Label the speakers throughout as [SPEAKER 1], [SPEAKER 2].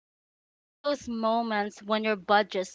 [SPEAKER 1] and all those moments when your budget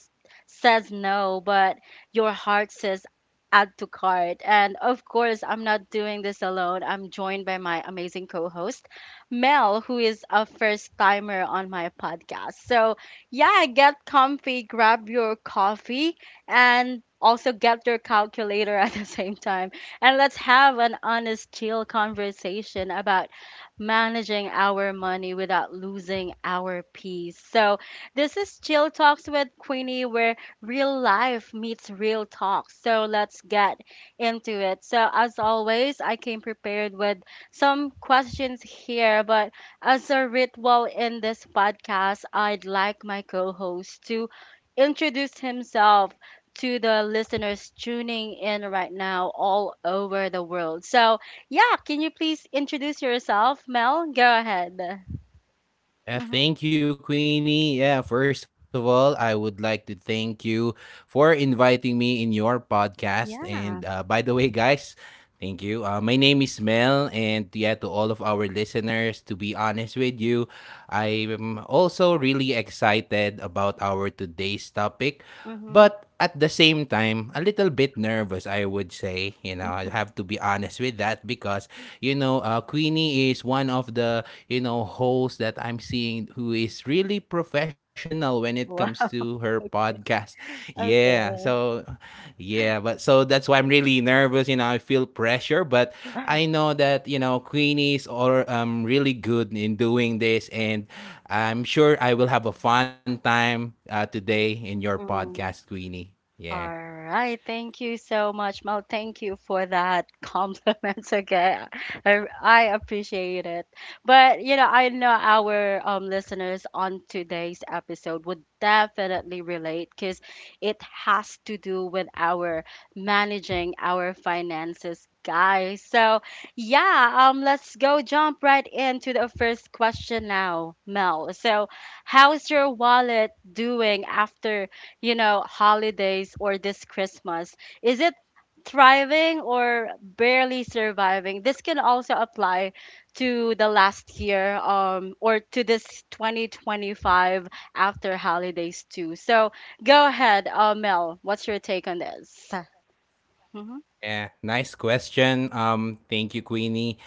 [SPEAKER 1] says no, but your heart says add to cart. And of course, I'm not doing this alone. I'm joined by my amazing co host, Mel, who is a first timer on my podcast. So, yeah, get comfy, grab your coffee, and also get your calculator at the same time. And let's have an honest, chill conversation about managing our money without losing our peace. So, this is Chill Talks with Queenie, where real life meets real talk. So, let's get into it. So, as always, I came prepared with some questions here, but as a ritual in this podcast, I'd like my co host to introduce himself to the listeners tuning in right now all over the world. So, yeah, can you please introduce yourself, Mel? Go ahead. Mm-hmm.
[SPEAKER 2] Thank you, Queenie. Yeah, first of all, I would like to thank you for inviting me in your podcast. And
[SPEAKER 1] Yeah.
[SPEAKER 2] by the way, guys, thank you. My name is Mel, and yeah, to all of our listeners, to be honest with you, I am also really excited about our today's topic.
[SPEAKER 1] Mm-hmm.
[SPEAKER 2] But at the same time, a little bit nervous, I would say. You know, I have to be honest with that because, Queenie is one of the, hosts that I'm seeing who is really professional when it comes to
[SPEAKER 1] Wow.
[SPEAKER 2] her podcast. Yeah.
[SPEAKER 1] Okay.
[SPEAKER 2] So, yeah. But so that's why I'm really nervous. You know, I feel pressure, but I know that, you know, Queenies are really good in doing this. And I'm sure I will have a fun time today in your podcast, Queenie. Yeah.
[SPEAKER 1] All right. Thank you so much, Mel. Thank you for that compliment. Okay. I appreciate it. But, you know, I know our listeners on today's episode would definitely relate because it has to do with our managing our finances, guys. So, yeah, let's go jump right into the first question now, Mel. So, how's your wallet doing after, you know, holidays or this Christmas? Is it thriving or barely surviving? This can also apply to the last year or to this 2025 after holidays too. So go ahead, Mel. What's your take on this? Mm-hmm.
[SPEAKER 2] Yeah, nice question. Thank you, Queenie.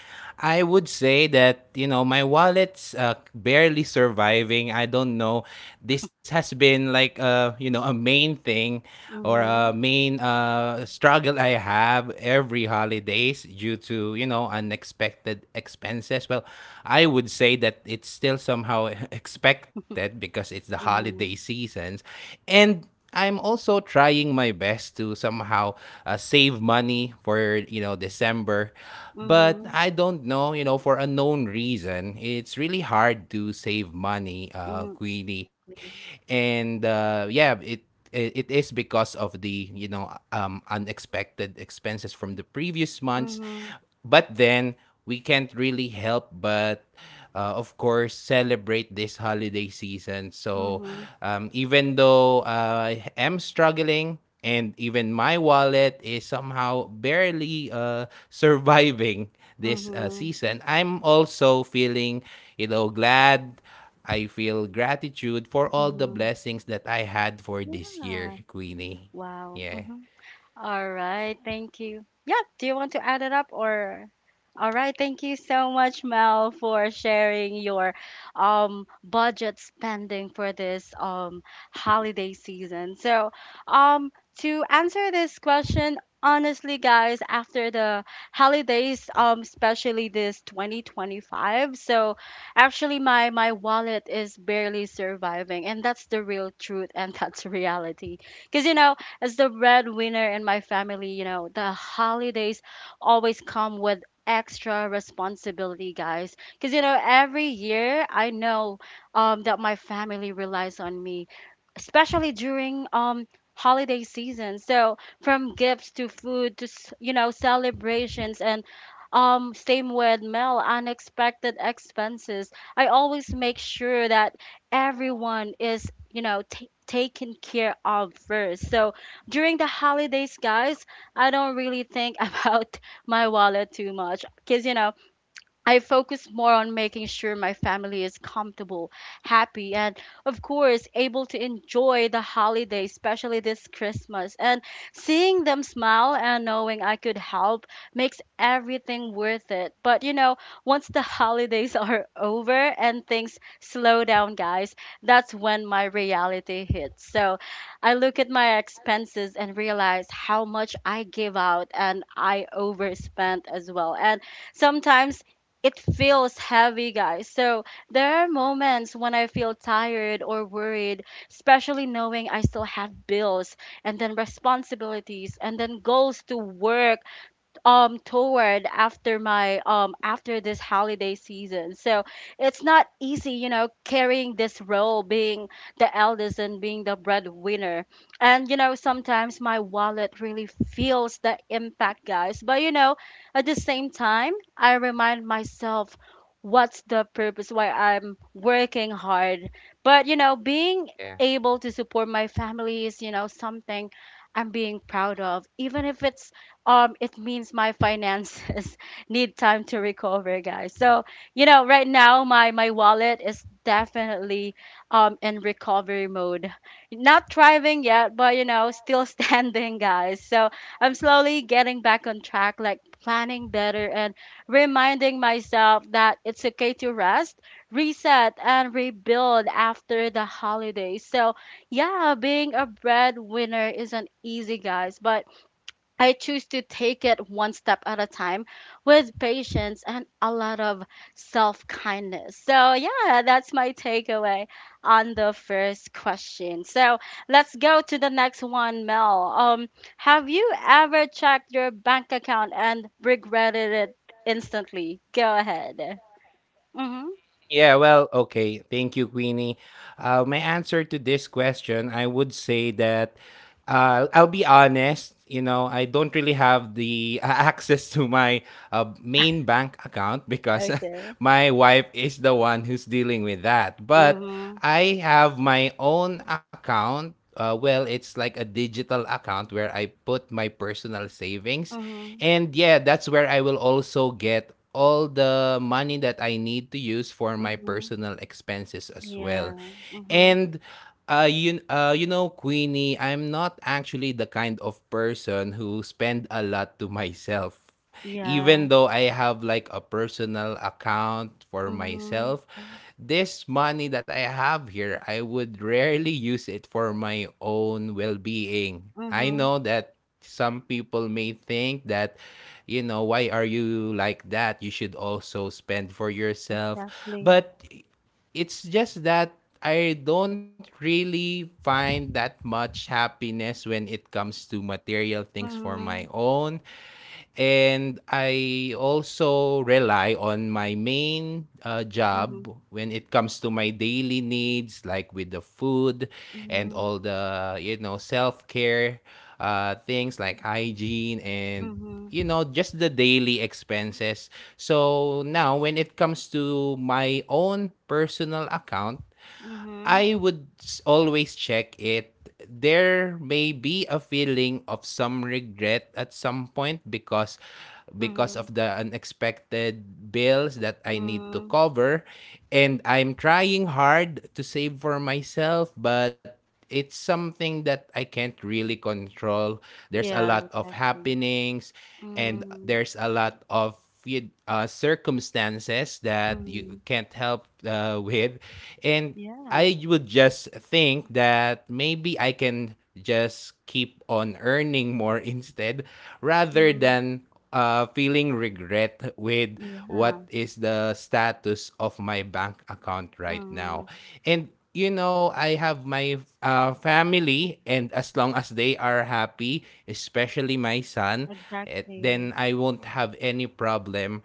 [SPEAKER 2] I would say that you know my wallet's barely surviving. I don't know. This has been like you know a main thing or main struggle I have every holidays due to you know unexpected expenses. Well, I would say that it's still somehow expected because it's the holiday
[SPEAKER 1] Mm-hmm.
[SPEAKER 2] seasons, and I'm also trying my best to somehow save money for you know December, but
[SPEAKER 1] Mm-hmm.
[SPEAKER 2] I don't know you know for unknown reason it's really hard to save money,
[SPEAKER 1] Mm-hmm.
[SPEAKER 2] Queenie, and yeah, it is because of the unexpected expenses from the previous months,
[SPEAKER 1] Mm-hmm.
[SPEAKER 2] but then we can't really help but of course celebrate this holiday season. So
[SPEAKER 1] Mm-hmm.
[SPEAKER 2] even though I am struggling and even my wallet is somehow barely surviving this
[SPEAKER 1] Mm-hmm.
[SPEAKER 2] season, I'm also feeling you know glad. I feel gratitude for all the
[SPEAKER 1] Mm-hmm.
[SPEAKER 2] blessings that I had for this year,
[SPEAKER 1] Yeah.
[SPEAKER 2] Queenie.
[SPEAKER 1] Wow.
[SPEAKER 2] Yeah.
[SPEAKER 1] All right, thank you. Yeah, do you want to add it up or? All right, thank you so much, Mel, for sharing your budget spending for this holiday season. So, um to answer this question, honestly, guys, after the holidays, especially this 2025. So actually my wallet is barely surviving, and that's the real truth, and that's reality. Because, you know, as the breadwinner in my family, you know, the holidays always come with extra responsibility, guys. Because, you know, every year I know that my family relies on me, especially during holiday season. So from gifts to food to you know, celebrations, and same with Mel, unexpected expenses, I always make sure that everyone is, you know, ta taken care of first. So during the holidays, guys, I don't really think about my wallet too much, because, you know, I focus more on making sure my family is comfortable, happy, and of course, able to enjoy the holiday, especially this Christmas. And seeing them smile and knowing I could help makes everything worth it. But you know, once the holidays are over and things slow down, guys, that's when my reality hits. So I look at my expenses and realize how much I give out and I overspent as well. And sometimes it feels heavy, guys. So there are moments when I feel tired or worried, especially knowing I still have bills and then responsibilities and then goals to work toward after my after this holiday season. So it's not easy, you know, carrying this role, being the eldest and being the breadwinner. And you know, sometimes my wallet really feels the impact, guys. But you know, at the same time, I remind myself what's the purpose why I'm working hard. But you know,
[SPEAKER 2] Yeah.
[SPEAKER 1] being able to support my family is, you know, something I'm being proud of, even if it's it means my finances need time to recover, guys. So you know, right now, my wallet is definitely in recovery mode, not thriving yet, but you know, still standing, guys. So I'm slowly getting back on track, like planning better and reminding myself that it's okay to rest, reset, and rebuild after the holidays. So yeah, being a breadwinner isn't easy, guys, but I choose to take it one step at a time with patience and a lot of self kindness. So, yeah, that's my takeaway on the first question. So, let's go to the next one, Mel. Have you ever checked your bank account and regretted it instantly? Go ahead. Mm-hmm.
[SPEAKER 2] Yeah, well, okay. Thank you, Queenie. My answer to this question, I would say that I'll be honest, you know, I don't really have the access to my main bank account because
[SPEAKER 1] Okay.
[SPEAKER 2] my wife is the one who's dealing with that. But
[SPEAKER 1] Mm-hmm.
[SPEAKER 2] I have my own account. Well, it's like a digital account where I put my personal savings.
[SPEAKER 1] Mm-hmm.
[SPEAKER 2] And yeah, that's where I will also get all the money that I need to use for my
[SPEAKER 1] Mm-hmm.
[SPEAKER 2] personal expenses as
[SPEAKER 1] Yeah.
[SPEAKER 2] well.
[SPEAKER 1] Mm-hmm.
[SPEAKER 2] And you know, Queenie, I'm not actually the kind of person who spend a lot to myself.
[SPEAKER 1] Yeah.
[SPEAKER 2] Even though I have like a personal account for
[SPEAKER 1] Mm-hmm.
[SPEAKER 2] myself, this money that I have here, I would rarely use it for my own well being. I
[SPEAKER 1] Mm-hmm.
[SPEAKER 2] know that some people may think that, you know, why are you like that? You should also spend for yourself.
[SPEAKER 1] Exactly.
[SPEAKER 2] But it's just that I don't really find that much happiness when it comes to material things for my
[SPEAKER 1] Mhm.
[SPEAKER 2] own. And I also rely on my main
[SPEAKER 1] Mhm.
[SPEAKER 2] job when it comes to my daily needs, like with the food and
[SPEAKER 1] Mhm.
[SPEAKER 2] all the, you know, self care things like hygiene and,
[SPEAKER 1] Mhm.
[SPEAKER 2] you know, just the daily expenses. So now, when it comes to my own personal account,
[SPEAKER 1] Mhm.
[SPEAKER 2] I would always check it. There may be a feeling of some regret at some point because of
[SPEAKER 1] Mhm.
[SPEAKER 2] the unexpected bills that I need to
[SPEAKER 1] Mm.
[SPEAKER 2] cover, and I'm trying hard to save for myself, but it's something that I can't really control. There's a lot
[SPEAKER 1] Yeah,
[SPEAKER 2] of
[SPEAKER 1] exactly.
[SPEAKER 2] happenings, and
[SPEAKER 1] Mm.
[SPEAKER 2] there's a lot of circumstances that you
[SPEAKER 1] Mm.
[SPEAKER 2] can't help with, and
[SPEAKER 1] Yeah.
[SPEAKER 2] I would just think that maybe I can just keep on earning more instead rather
[SPEAKER 1] Mm.
[SPEAKER 2] than feeling regret with
[SPEAKER 1] Yeah.
[SPEAKER 2] what is the status of my bank account right
[SPEAKER 1] Mm.
[SPEAKER 2] now. And you know, I have my family, and as long as they are happy, especially my son, eh,
[SPEAKER 1] Exactly.
[SPEAKER 2] then I won't have any problem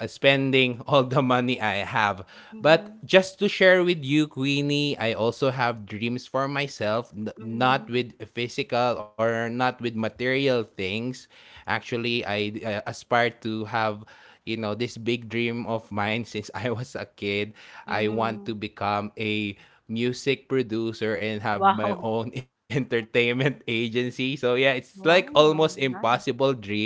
[SPEAKER 2] spending all the money I have. But
[SPEAKER 1] Mhm.
[SPEAKER 2] just to share with you, Queenie, I also have dreams for myself, not
[SPEAKER 1] Mhm.
[SPEAKER 2] with physical or not with material things. Actually, I aspire to have you know this big dream of mine since I was a kid. I want
[SPEAKER 1] Mhm.
[SPEAKER 2] to become a music producer and have my
[SPEAKER 1] Wow.
[SPEAKER 2] own entertainment agency. So yeah, it's like almost
[SPEAKER 1] Wow, nice.
[SPEAKER 2] impossible dream.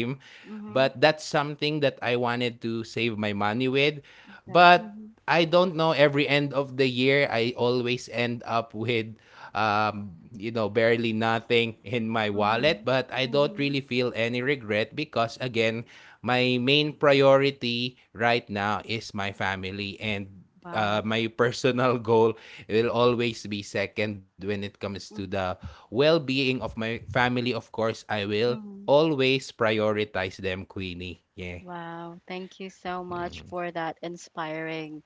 [SPEAKER 2] But
[SPEAKER 1] Mhm.
[SPEAKER 2] that's something that I wanted to save my money with.
[SPEAKER 1] Yeah.
[SPEAKER 2] But
[SPEAKER 1] Mhm.
[SPEAKER 2] I don't know, every end of the year I always end up with you know barely nothing in my wallet,
[SPEAKER 1] Mhm.
[SPEAKER 2] but I don't really
[SPEAKER 1] Mhm.
[SPEAKER 2] feel any regret because again, my main priority right now is my family, and
[SPEAKER 1] Wow.
[SPEAKER 2] my personal goal will always be second. When it comes to
[SPEAKER 1] Mhm.
[SPEAKER 2] the well-being of my family, of course I will
[SPEAKER 1] Mhm.
[SPEAKER 2] always prioritize them, Queenie. Yeah.
[SPEAKER 1] Wow, thank you so much
[SPEAKER 2] Mm.
[SPEAKER 1] for that inspiring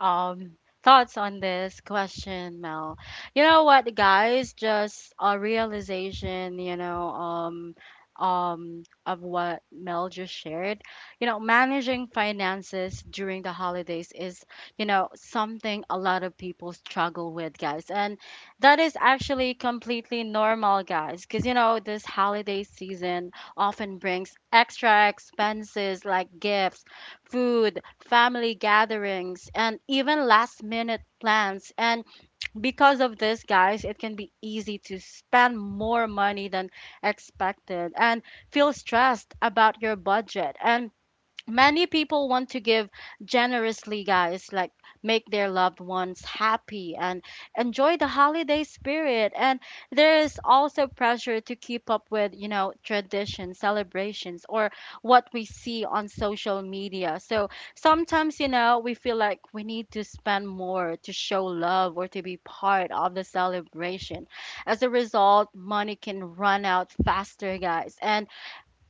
[SPEAKER 1] um thoughts on this question, Mel. You know what, guys? Just a realization, you know, of what Mel just shared. You know, managing finances during the holidays is, you know, something a lot of people struggle with, guys. And that is actually completely normal, guys, because, you know, this holiday season often brings extra expenses like gifts, food, family gatherings, and even last minute plans. And because of this, guys, it can be easy to spend more money than expected and feel stressed about your budget. And many people want to give generously, guys, like make their loved ones happy and enjoy the holiday spirit. And there is also pressure to keep up with, you know, traditions, celebrations, or what we see on social media. So sometimes, you know, we feel like we need to spend more to show love or to be part of the celebration. As a result, money can run out faster, guys. And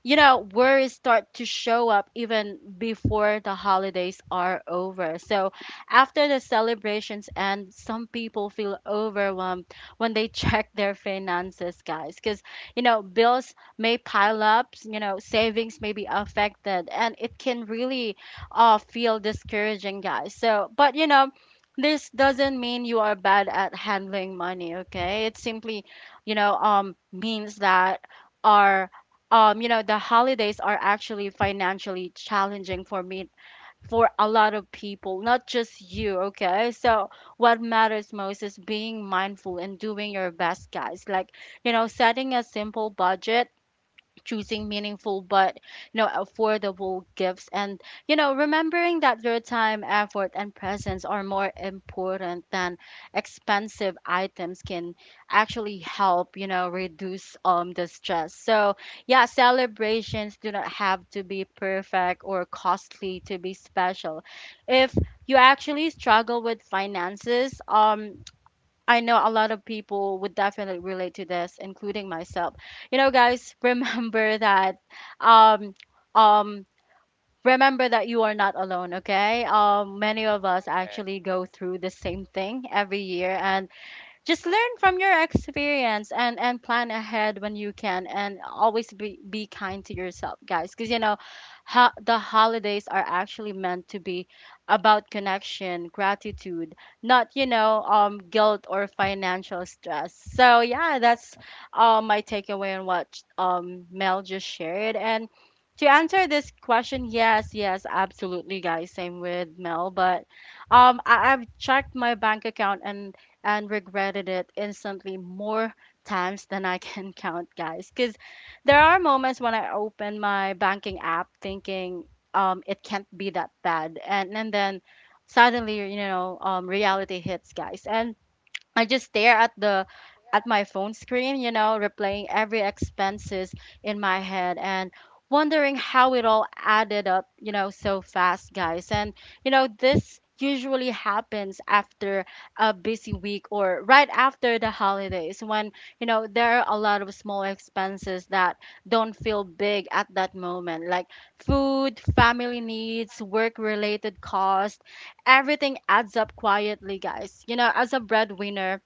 [SPEAKER 1] you know, worries start to show up even before the holidays are over. So after the celebrations end, some people feel overwhelmed when they check their finances, guys, because, you know, bills may pile up, you know, savings may be affected, and it can really feel discouraging, guys. So but you know, this doesn't mean you are bad at handling money, okay? It simply, you know, means that our you know, the holidays are actually financially challenging for me, for a lot of people, not just you, okay? So, what matters most is being mindful and doing your best, guys. Like, you know, setting a simple budget, choosing meaningful but, you know, affordable gifts, and you know, remembering that your time, effort, and presence are more important than expensive items can actually help, you know, reduce the stress. So yeah, celebrations do not have to be perfect or costly to be special. If you actually struggle with finances, I know a lot of people would definitely relate to this, including myself. You know, guys, um um remember that you are not alone, okay? Many of us
[SPEAKER 2] Yeah.
[SPEAKER 1] actually go through the same thing every year, and just learn from your experience, and plan ahead when you can, and always be kind to yourself, guys, because you know, the holidays are actually meant to be about connection, gratitude, not, you know, guilt or financial stress. So yeah, that's my takeaway on what Mel just shared. And to answer this question, yes, yes, absolutely, guys, same with Mel. But I've checked my bank account and regretted it instantly more times than I can count, guys. Because there are moments when I open my banking app thinking, it can't be that bad, and then suddenly, you know, reality hits, guys, and I just stare at the, at my phone screen, you know, replaying every expenses in my head and wondering how it all added up, you know, so fast, guys. And you know, this usually happens after a busy week or right after the holidays when, you know, there are a lot of small expenses that don't feel big at that moment, like food, family needs, work-related costs, everything adds up quietly, guys. You know, as a breadwinner,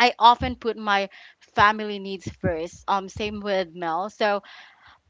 [SPEAKER 1] I often put my family needs first. Same with Mel. So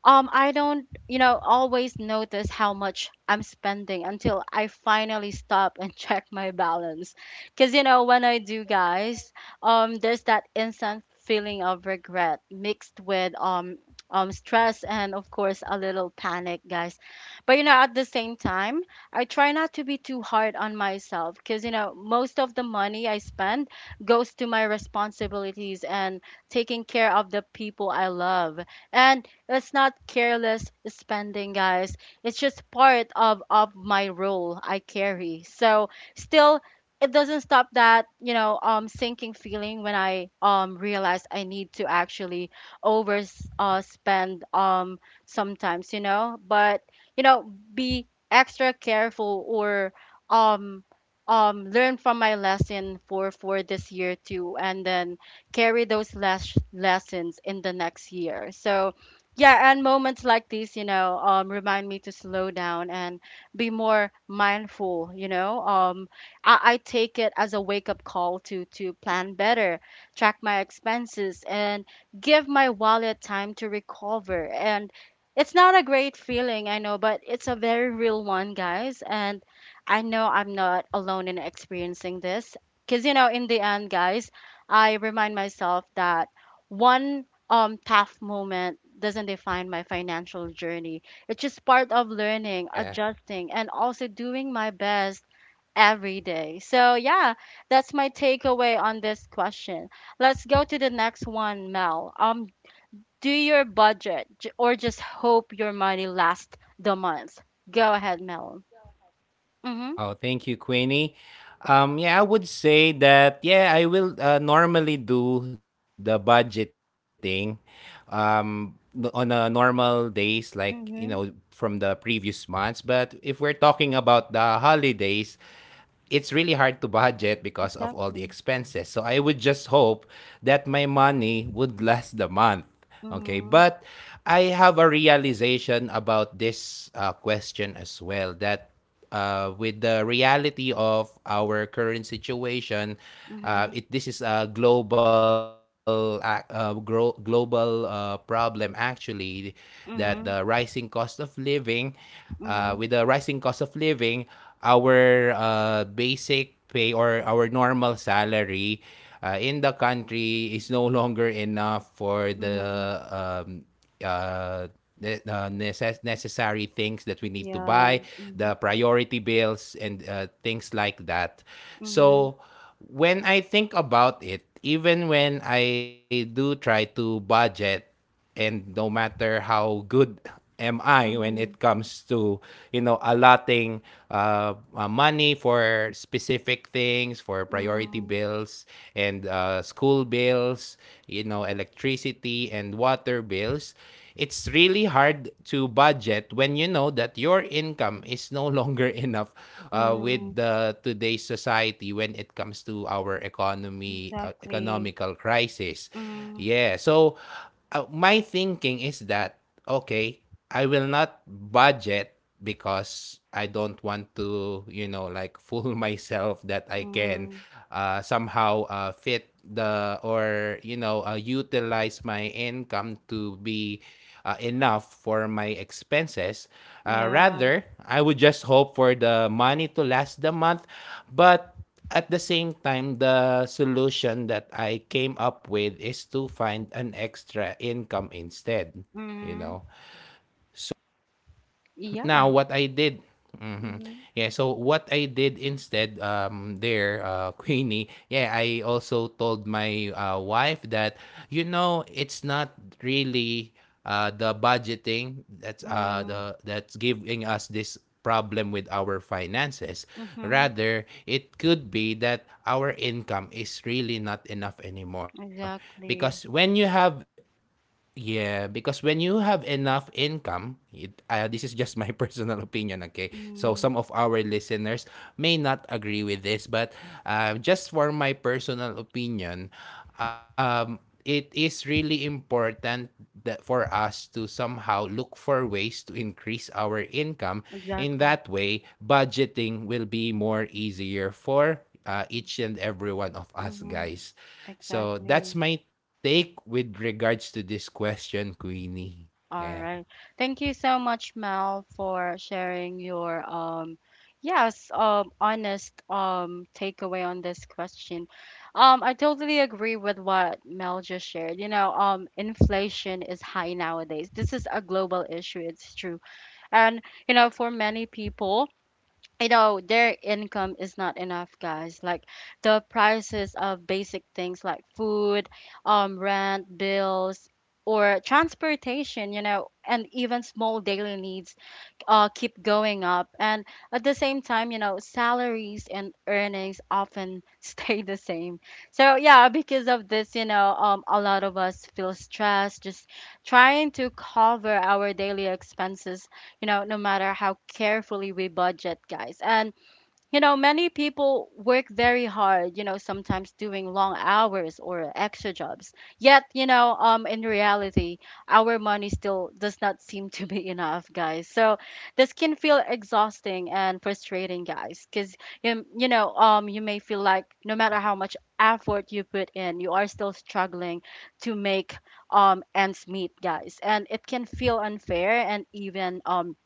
[SPEAKER 1] I don't, you know, always notice how much I'm spending until I finally stop and check my balance. Cause you know, when I do, guys, there's that instant feeling of regret mixed with stress and of course a little panic, guys. But you know, at the same time, I try not to be too hard on myself. Cause you know, most of the money I spend goes to my responsibilities and taking care of the people I love. And it's not careless spending, guys. It's just part of my role I carry. So still it doesn't stop that, you know, sinking feeling when I realize I need to actually over spend sometimes, you know, but you know, be extra careful or um learn from my lesson for this year too and then carry those lessons in the next year. So yeah, and moments like these, you know, remind me to slow down and be more mindful, you know. I take it as a wake-up call to plan better, track my expenses, and give my wallet time to recover. And it's not a great feeling, I know, but it's a very real one, guys. And I know I'm not alone in experiencing this, because, you know, in the end, guys, I remind myself that one tough moment doesn't define my financial journey. It's just part of learning,
[SPEAKER 2] Yeah.
[SPEAKER 1] adjusting, and also doing my best every day. So yeah, that's my takeaway on this question. Let's go to the next one, Mel. Do your budget or just hope your money lasts the month. Go ahead, Mel. Mhm.
[SPEAKER 2] Oh, thank you, Queenie. Yeah, I would say that, yeah, I will normally do the budgeting on a normal days, like, you know, from
[SPEAKER 1] Mhm.
[SPEAKER 2] the previous months. But if we're talking about the holidays, it's really hard to budget because of all the
[SPEAKER 1] Exactly.
[SPEAKER 2] expenses. So I would just hope that my money would last the month. Okay.
[SPEAKER 1] Mhm.
[SPEAKER 2] But I have a realization about this question as well, that with the reality of our current situation,
[SPEAKER 1] Mhm.
[SPEAKER 2] this is a global problem actually, that the
[SPEAKER 1] Mhm.
[SPEAKER 2] rising cost of living with
[SPEAKER 1] Mhm.
[SPEAKER 2] the rising cost of living, our basic pay or our normal salary in the country is no longer enough for the
[SPEAKER 1] Mhm.
[SPEAKER 2] um, uh, necessary things that we need to buy,
[SPEAKER 1] Yeah.
[SPEAKER 2] the
[SPEAKER 1] Mhm.
[SPEAKER 2] priority bills, and things like that.
[SPEAKER 1] Mhm.
[SPEAKER 2] So, when I think about it, even when I do try to budget, and no matter how good am I when it
[SPEAKER 1] Mhm.
[SPEAKER 2] comes to you know allotting money for specific things, for priority
[SPEAKER 1] Mm,
[SPEAKER 2] bills and school bills, you know, electricity and water bills, it's really hard to budget when you know that your income is no longer enough
[SPEAKER 1] mm,
[SPEAKER 2] with the today's society when it comes to our economy
[SPEAKER 1] exactly.
[SPEAKER 2] economical crisis.
[SPEAKER 1] Mm,
[SPEAKER 2] Yeah, so my thinking is that okay, I will not budget because I don't want to, you know, like fool myself that I can
[SPEAKER 1] mm,
[SPEAKER 2] somehow fit the, or you know utilize my income to be enough for my expenses.
[SPEAKER 1] yeah.
[SPEAKER 2] Rather, I would just hope for the money to last the month, but at the same time, the solution that I came up with is to find an extra income instead, you know?
[SPEAKER 1] Mm,
[SPEAKER 2] Now
[SPEAKER 1] yeah.
[SPEAKER 2] what I did Mhm.
[SPEAKER 1] Mm,
[SPEAKER 2] Yeah, so what I did instead, there Queenie, yeah, I also told my wife that you know it's not really uh the budgeting that's uh
[SPEAKER 1] mm,
[SPEAKER 2] the that's giving us this problem with our finances.
[SPEAKER 1] mm-hmm,
[SPEAKER 2] Rather, it could be that our income is really not enough anymore because
[SPEAKER 1] exactly.
[SPEAKER 2] when you have yeah, because when you have enough income, this is just my personal opinion, okay? So some
[SPEAKER 1] Mm,
[SPEAKER 2] of our listeners may not agree with this, but just for my personal opinion, um, it is really important that for us to somehow look for ways to increase our income. In that
[SPEAKER 1] exactly.
[SPEAKER 2] way, budgeting will be more easier for each and every one of us,
[SPEAKER 1] Mm-hmm,
[SPEAKER 2] guys. So that's
[SPEAKER 1] exactly.
[SPEAKER 2] my take with regards to this question, Queenie. Yeah.
[SPEAKER 1] All right. Thank you so much, Mel, for sharing your yes, honest takeaway on this question. I totally agree with what Mel just shared. You know, inflation is high nowadays. This is a global issue, it's true. And you know, for many people, you know, their income is not enough, guys, like the prices of basic things like food, rent, bills, or transportation, you know, and even small daily needs keep going up. And at the same time, you know, salaries and earnings often stay the same. So yeah, because of this, you know, a lot of us feel stressed just trying to cover our daily expenses, you know, no matter how carefully we budget, guys. And you know, many people work very hard, you know, sometimes doing long hours or extra jobs. Yet, you know, in reality, our money still does not seem to be enough, guys. So this can feel exhausting and frustrating, guys, because you know, you may feel like no matter how much effort you put in, you are still struggling to make ends meet, guys, and it can feel unfair and even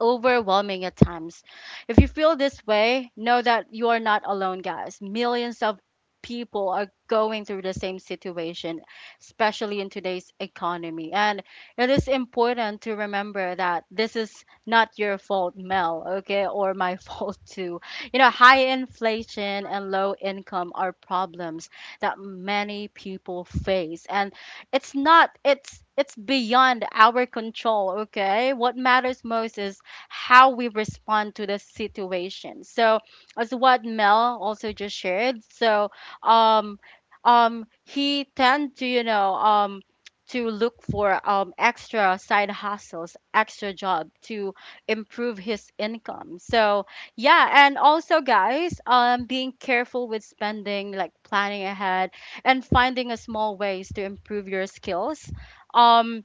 [SPEAKER 1] overwhelming at times. If you feel this way, know that you are not alone, guys. Millions of people are going through the same situation, especially in today's economy. And it is important to remember that this is not your fault, Mel, okay, or my fault too. You know, high inflation and low income are problems that many people face. And it's not it's it's beyond our control, okay? What matters most is how we respond to the situation. So, as what Mel also just shared, so um, he tend to, you know, to look for extra side hustles, extra job to improve his income. So yeah, and also guys, being careful with spending, like planning ahead, and finding a small ways to improve your skills. Um,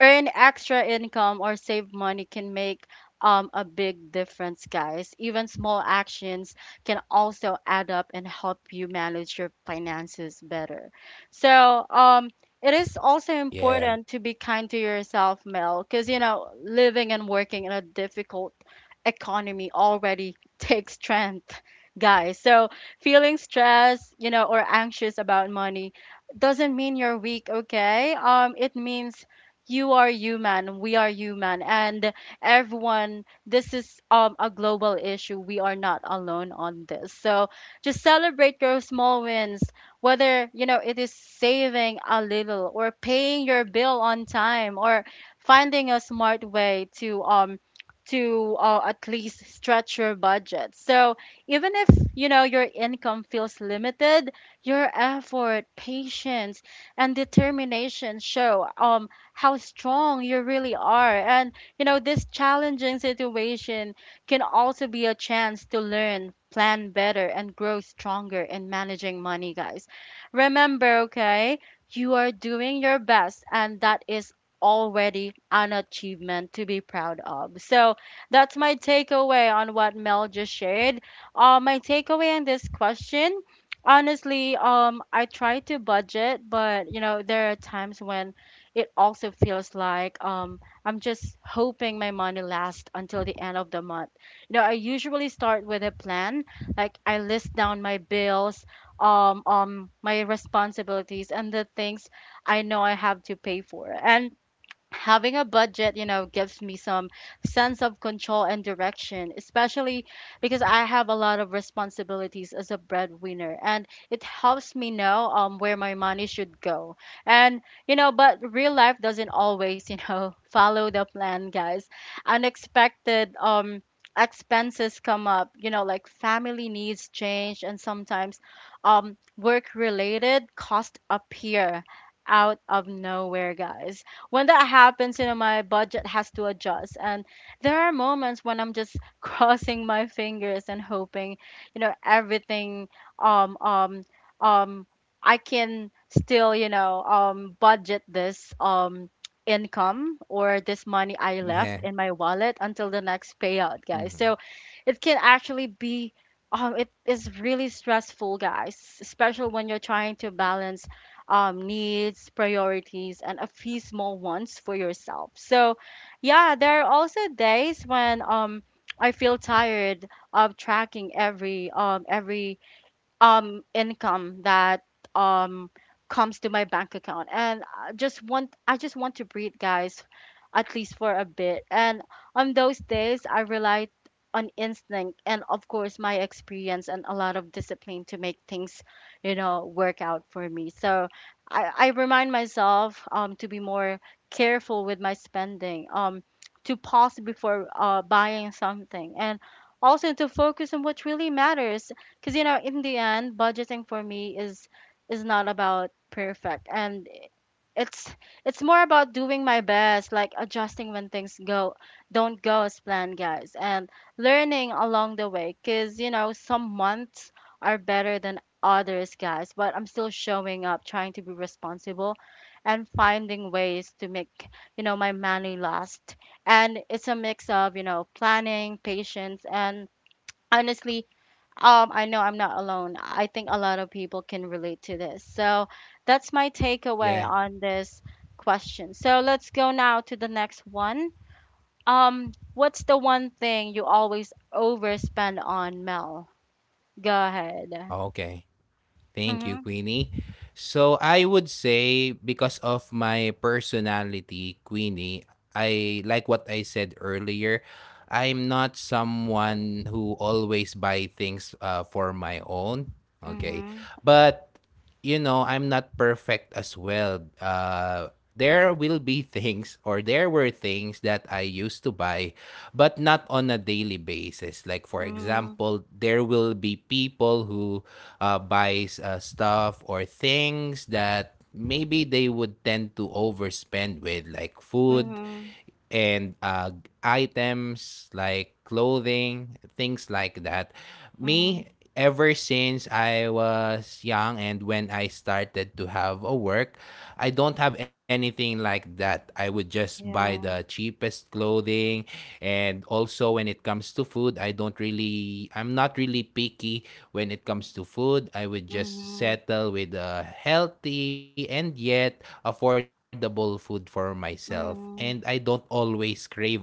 [SPEAKER 1] earn extra income or save money can make a big difference, guys. Even small actions can also add up and help you manage your finances better. So, it
[SPEAKER 2] Yeah.
[SPEAKER 1] is also important to be kind to yourself, Mel, because you know, living and working in a difficult economy already takes strength, guys. So, feeling stressed, you know, or anxious about money doesn't mean you're weak, okay? It means you are human, we are human, and everyone, this is a global issue. We are not alone on this. So just celebrate your small wins, whether you know it is saving a little or paying your bill on time or finding a smart way to at least stretch your budget. So even if you know your income feels limited, your effort, patience, and determination show how strong you really are. And, you know, this challenging situation can also be a chance to learn, plan better, and grow stronger in managing money, guys. Remember, okay, you are doing your best, and that is already an achievement to be proud of. So that's my takeaway on what Mel just shared. My takeaway on this question, honestly, I try to budget, but you know, there are times when it also feels like, I'm just hoping my money lasts until the end of the month. You know, I usually start with a plan, like I list down my bills, my responsibilities, and the things I know I have to pay for. And having a budget, you know, gives me some sense of control and direction, especially because I have a lot of responsibilities as a breadwinner, and it helps me know where my money should go. And you know, but real life doesn't always, you know, follow the plan, guys. Unexpected expenses come up, you know, like family needs change, and sometimes work related costs appear out of nowhere, guys. When that happens, you know, my budget has to adjust. And there are moments when I'm just crossing my fingers and hoping, you know, everything, um um um I can still, you know, budget this income or this money I
[SPEAKER 2] Yeah.
[SPEAKER 1] left in my wallet until the next payout, guys.
[SPEAKER 2] Hmm.
[SPEAKER 1] So it can actually be, it is really stressful, guys, especially when you're trying to balance needs, priorities, and a few small ones for yourself. So, yeah, there are also days when, I feel tired of tracking every income that um comes to my bank account, and I just want to breathe, guys, at least for a bit. And on those days I relied on instinct and of course my experience and a lot of discipline to make things, you know, work out for me. So I remind myself to be more careful with my spending, to pause before buying something, and also to focus on what really matters. Because you know, in the end, budgeting for me is not about perfect, and it's it's more about doing my best, like adjusting when things go don't go as planned, guys, and learning along the way. Because you know, some months are better than others, guys, but I'm still showing up, trying to be responsible and finding ways to make, you know, my money last. And it's a mix of, you know, planning, patience, and honestly, I know I'm not alone. I think a lot of people can relate to this. So that's my
[SPEAKER 2] Yeah.
[SPEAKER 1] takeaway on this question. So let's go now to the next one. What's the one thing you always overspend on, Mel? Go ahead.
[SPEAKER 2] Okay. Thank you,
[SPEAKER 1] Mhm.
[SPEAKER 2] Queenie. So I would say because of my personality, Queenie, I like what I said earlier. I'm not someone who always buy things for my own. Okay.
[SPEAKER 1] Mhm.
[SPEAKER 2] But you know, I'm not perfect as well. Uh, there will be things, or there were things that I used to buy but not on a daily basis. Like for
[SPEAKER 1] Mhm.
[SPEAKER 2] example, there will be people who buys stuff or things that maybe they would tend to overspend with, like food
[SPEAKER 1] Mhm.
[SPEAKER 2] and items like clothing, things like that.
[SPEAKER 1] Mhm.
[SPEAKER 2] Me, ever since I was young and when I started to have a work, I don't have anything like that. I would just buy the
[SPEAKER 1] Yeah.
[SPEAKER 2] cheapest clothing, and also when it comes to food, I'm not really picky when it comes to food. I would just
[SPEAKER 1] Mhm.
[SPEAKER 2] settle with a healthy and yet affordable food for myself, and I don't
[SPEAKER 1] Mhm.
[SPEAKER 2] always crave at all.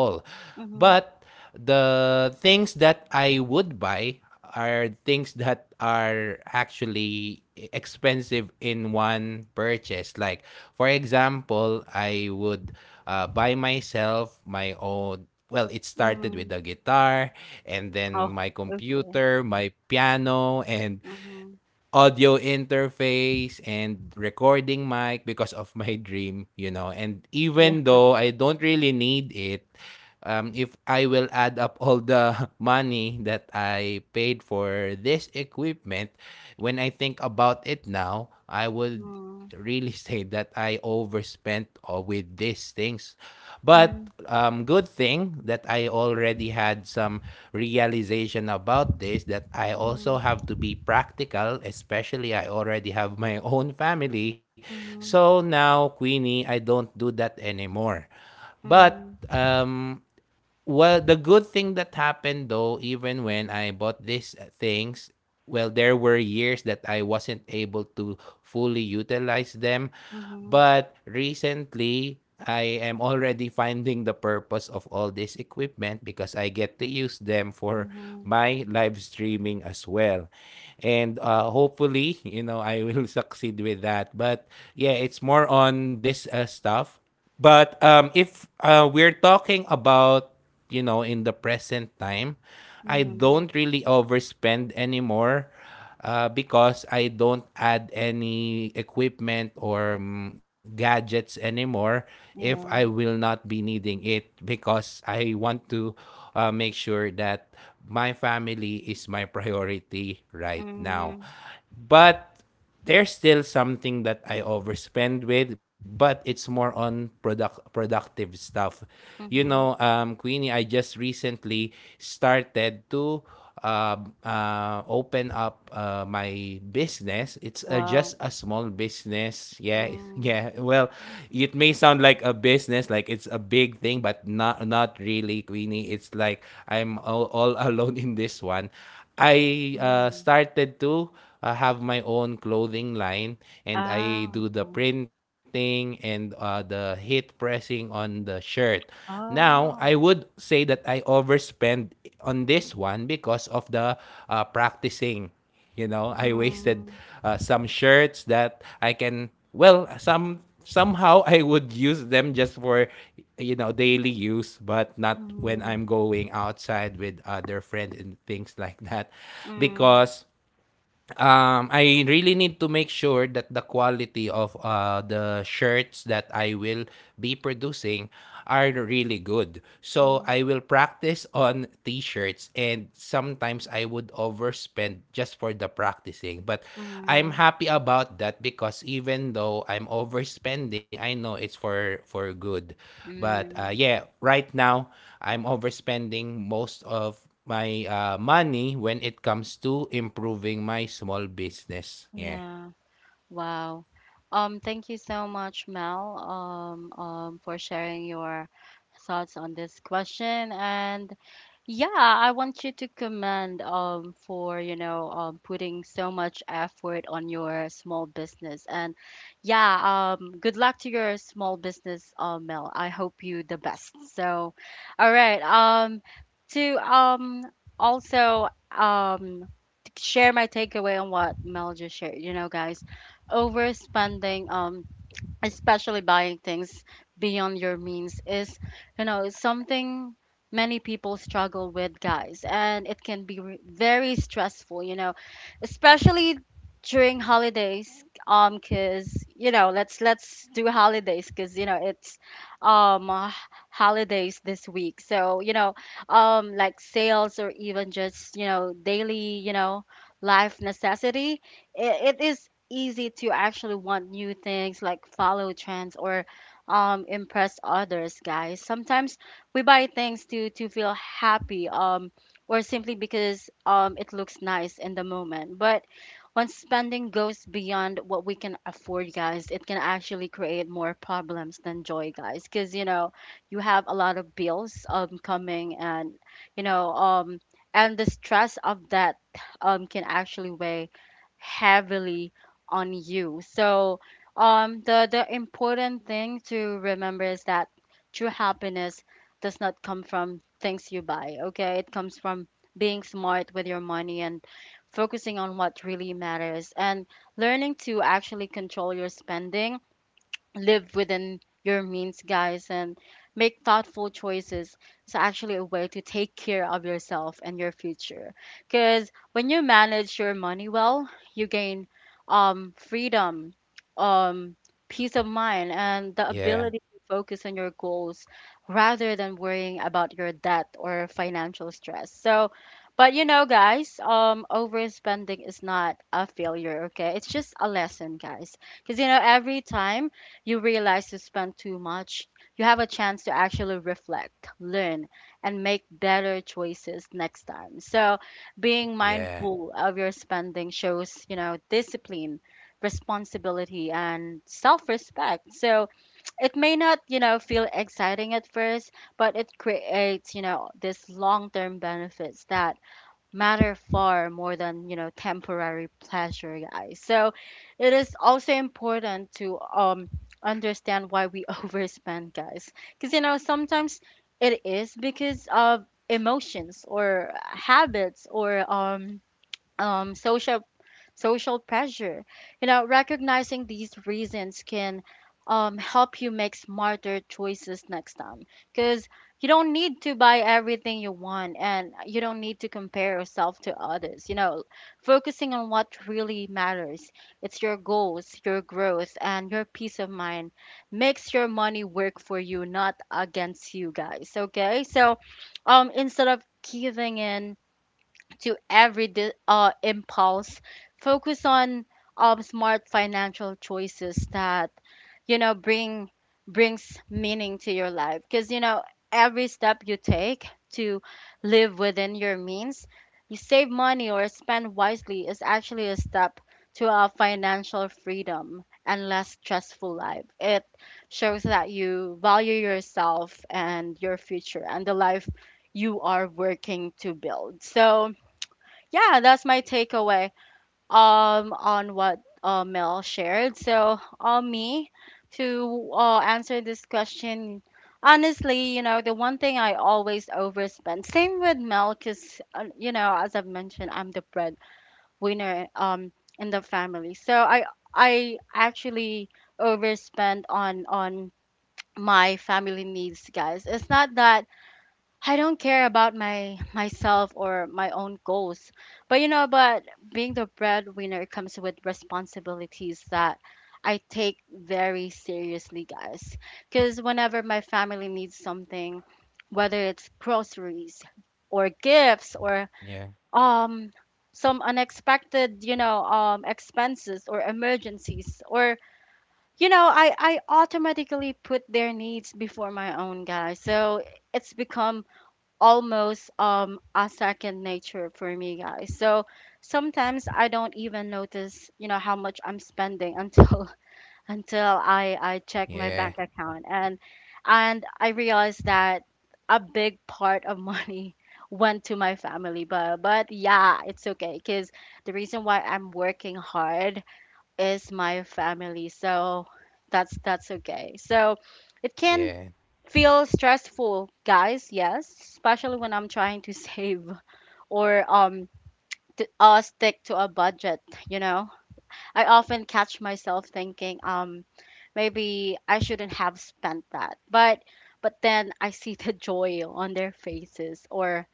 [SPEAKER 2] But
[SPEAKER 1] Mhm.
[SPEAKER 2] the things that I would buy are things that are actually expensive in one purchase. Like, for example, I would buy myself my own. Well, it started with
[SPEAKER 1] Mhm.
[SPEAKER 2] the guitar, and then
[SPEAKER 1] Oh,
[SPEAKER 2] my
[SPEAKER 1] okay.
[SPEAKER 2] computer, my piano, and
[SPEAKER 1] Mhm.
[SPEAKER 2] audio interface and recording mic because of my dream, you know. And
[SPEAKER 1] Yeah.
[SPEAKER 2] even though I don't really need it, if I will add up all the money that I paid for this equipment, when I think about it now, I would
[SPEAKER 1] Mhm.
[SPEAKER 2] really say that I overspent with these things. But
[SPEAKER 1] Mhm.
[SPEAKER 2] good thing that I already had some realization about this that I also
[SPEAKER 1] Mhm.
[SPEAKER 2] have to be practical, especially I already have my own family. So now, Queenie, I don't do that anymore. But
[SPEAKER 1] Mhm.
[SPEAKER 2] um, well, the good thing that happened though, even when I bought these things, well, there were years that I wasn't able to fully utilize them.
[SPEAKER 1] Mhm,
[SPEAKER 2] But recently, I am already finding the purpose of all this equipment because I get to use them for
[SPEAKER 1] mhm,
[SPEAKER 2] my live streaming as well. And hopefully, you know, I will succeed with that. It's more on this stuff. But if we're talking about, you know, in the present time, I
[SPEAKER 1] mhm.
[SPEAKER 2] don't really overspend anymore because I don't add any equipment or gadgets anymore if I will
[SPEAKER 1] Yeah.
[SPEAKER 2] not be needing it because I want to make sure that my family is my priority right now.
[SPEAKER 1] Mm,
[SPEAKER 2] But there's still something that I overspend with, but it's more on productive stuff. You know,
[SPEAKER 1] mhm.
[SPEAKER 2] Queenie, I just recently started to uh, open up my business. It's
[SPEAKER 1] Wow.
[SPEAKER 2] just a small business. Yeah,
[SPEAKER 1] Mm,
[SPEAKER 2] yeah. Well, it may sound like a business, like it's a big thing, but not really, Queenie. It's like I'm all alone in this one. I
[SPEAKER 1] mhm.
[SPEAKER 2] started to have my own clothing line, and I
[SPEAKER 1] Ah,
[SPEAKER 2] do the
[SPEAKER 1] okay.
[SPEAKER 2] printing and the heat pressing on the shirt. Now,
[SPEAKER 1] Oh.
[SPEAKER 2] I would say that I overspend on this one because of the practicing. You know, I
[SPEAKER 1] Mm,
[SPEAKER 2] wasted some shirts that I can, well, somehow I would use them just for, you know, daily use, but not when I'm
[SPEAKER 1] mhm,
[SPEAKER 2] going outside with other friends and things like that,
[SPEAKER 1] mm,
[SPEAKER 2] because I really need to make sure that the quality of the shirts that I will be producing are really good. So
[SPEAKER 1] mhm,
[SPEAKER 2] I will practice on t-shirts and sometimes I would overspend just for the practicing. But I'm
[SPEAKER 1] mhm,
[SPEAKER 2] happy about that because even though I'm overspending, I know it's for good. But
[SPEAKER 1] mm.
[SPEAKER 2] yeah, right now I'm overspending most of my money when it comes to improving my small business. Yeah.
[SPEAKER 1] Yeah. Wow. Thank you so much, Mel, for sharing your thoughts on this question. And yeah, I want you to commend for, you know, putting so much effort on your small business. And yeah, good luck to your small business, Mel. I hope you the best. So, all right. To also share my takeaway on what Mel just shared. You know, guys, overspending, especially buying things beyond your means is, you know, something many people struggle with, guys. And it can be very stressful, you know, especially during holidays, cuz you know, let's do holidays, cuz you know, it's um uh, holidays this week. So you know, like sales, or even just, you know, daily, you know, life necessity, it is easy to actually want new things, like follow trends or impress others, guys. Sometimes we buy things to feel happy, or simply because it looks nice in the moment. But once spending goes beyond what we can afford, guys, it can actually create more problems than joy, guys, because you know, you have a lot of bills coming, and you know, and the stress of that can actually weigh heavily on you. So the important thing to remember is that true happiness does not come from things you buy. Okay, it comes from being smart with your money, and focusing on what really matters, and learning to actually control your spending, live within your means, guys, and make thoughtful choices is actually a way to take care of yourself and your future. Because when you manage your money well, you gain freedom, um, peace of mind, and the
[SPEAKER 2] Yeah.
[SPEAKER 1] ability to focus on your goals rather than worrying about your debt or financial stress. So, but you know, guys, overspending is not a failure, okay? It's just a lesson, guys. Because, you know, every time you realize you spend too much, you have a chance to actually reflect, learn, and make better choices next time. So, being
[SPEAKER 2] Yeah.
[SPEAKER 1] mindful of your spending shows, you know, discipline, responsibility, and self respect. So, it may not, you know, feel exciting at first, but it creates, you know, this long term benefits that matter far more than temporary pleasure, guys. So it is also important to understand why we overspend, guys, because you know sometimes it is because of emotions or habits or um social social pressure. You know, recognizing these reasons can help you make smarter choices next time because you don't need to buy everything you want and you don't need to compare yourself to others. You know, focusing on what really matters, it's your goals, your growth, and your peace of mind, makes your money work for you, not against you, guys. Okay, so instead of giving in to every impulse. Focus on smart financial choices that you know bring brings meaning to your life. Because you know every step you take to live within your means, you save money or spend wisely is actually a step to a financial freedom and less stressful life. It shows that you value yourself and your future and the life you are working to build. So, yeah, that's my takeaway on what Mel shared. So on me to answer this question, honestly, you know, the one thing I always overspend. Same with Mel, because you know, as I've mentioned, I'm the breadwinner in the family. So I actually overspend on my family needs, guys. It's not that I don't care about my myself or my own goals. But you know, but being the breadwinner comes with responsibilities that I take very seriously, guys. Cuz whenever my family needs something, whether it's groceries or gifts or
[SPEAKER 2] Yeah.
[SPEAKER 1] um some unexpected, you know, expenses or emergencies or you know, I automatically put their needs before my own, guys. So it's become almost a second nature for me, guys. So sometimes I don't even notice, you know, how much I'm spending until until I check
[SPEAKER 2] Yeah.
[SPEAKER 1] my bank account and I realize that a big part of money went to my family, but yeah, it's okay because the reason why I'm working hard is my family. So that's okay. So it can
[SPEAKER 2] Yeah.
[SPEAKER 1] feel stressful, guys. Yes, especially when I'm trying to save or to, stick to a budget. You know, I often catch myself thinking maybe I shouldn't have spent that, but then I see the joy on their faces or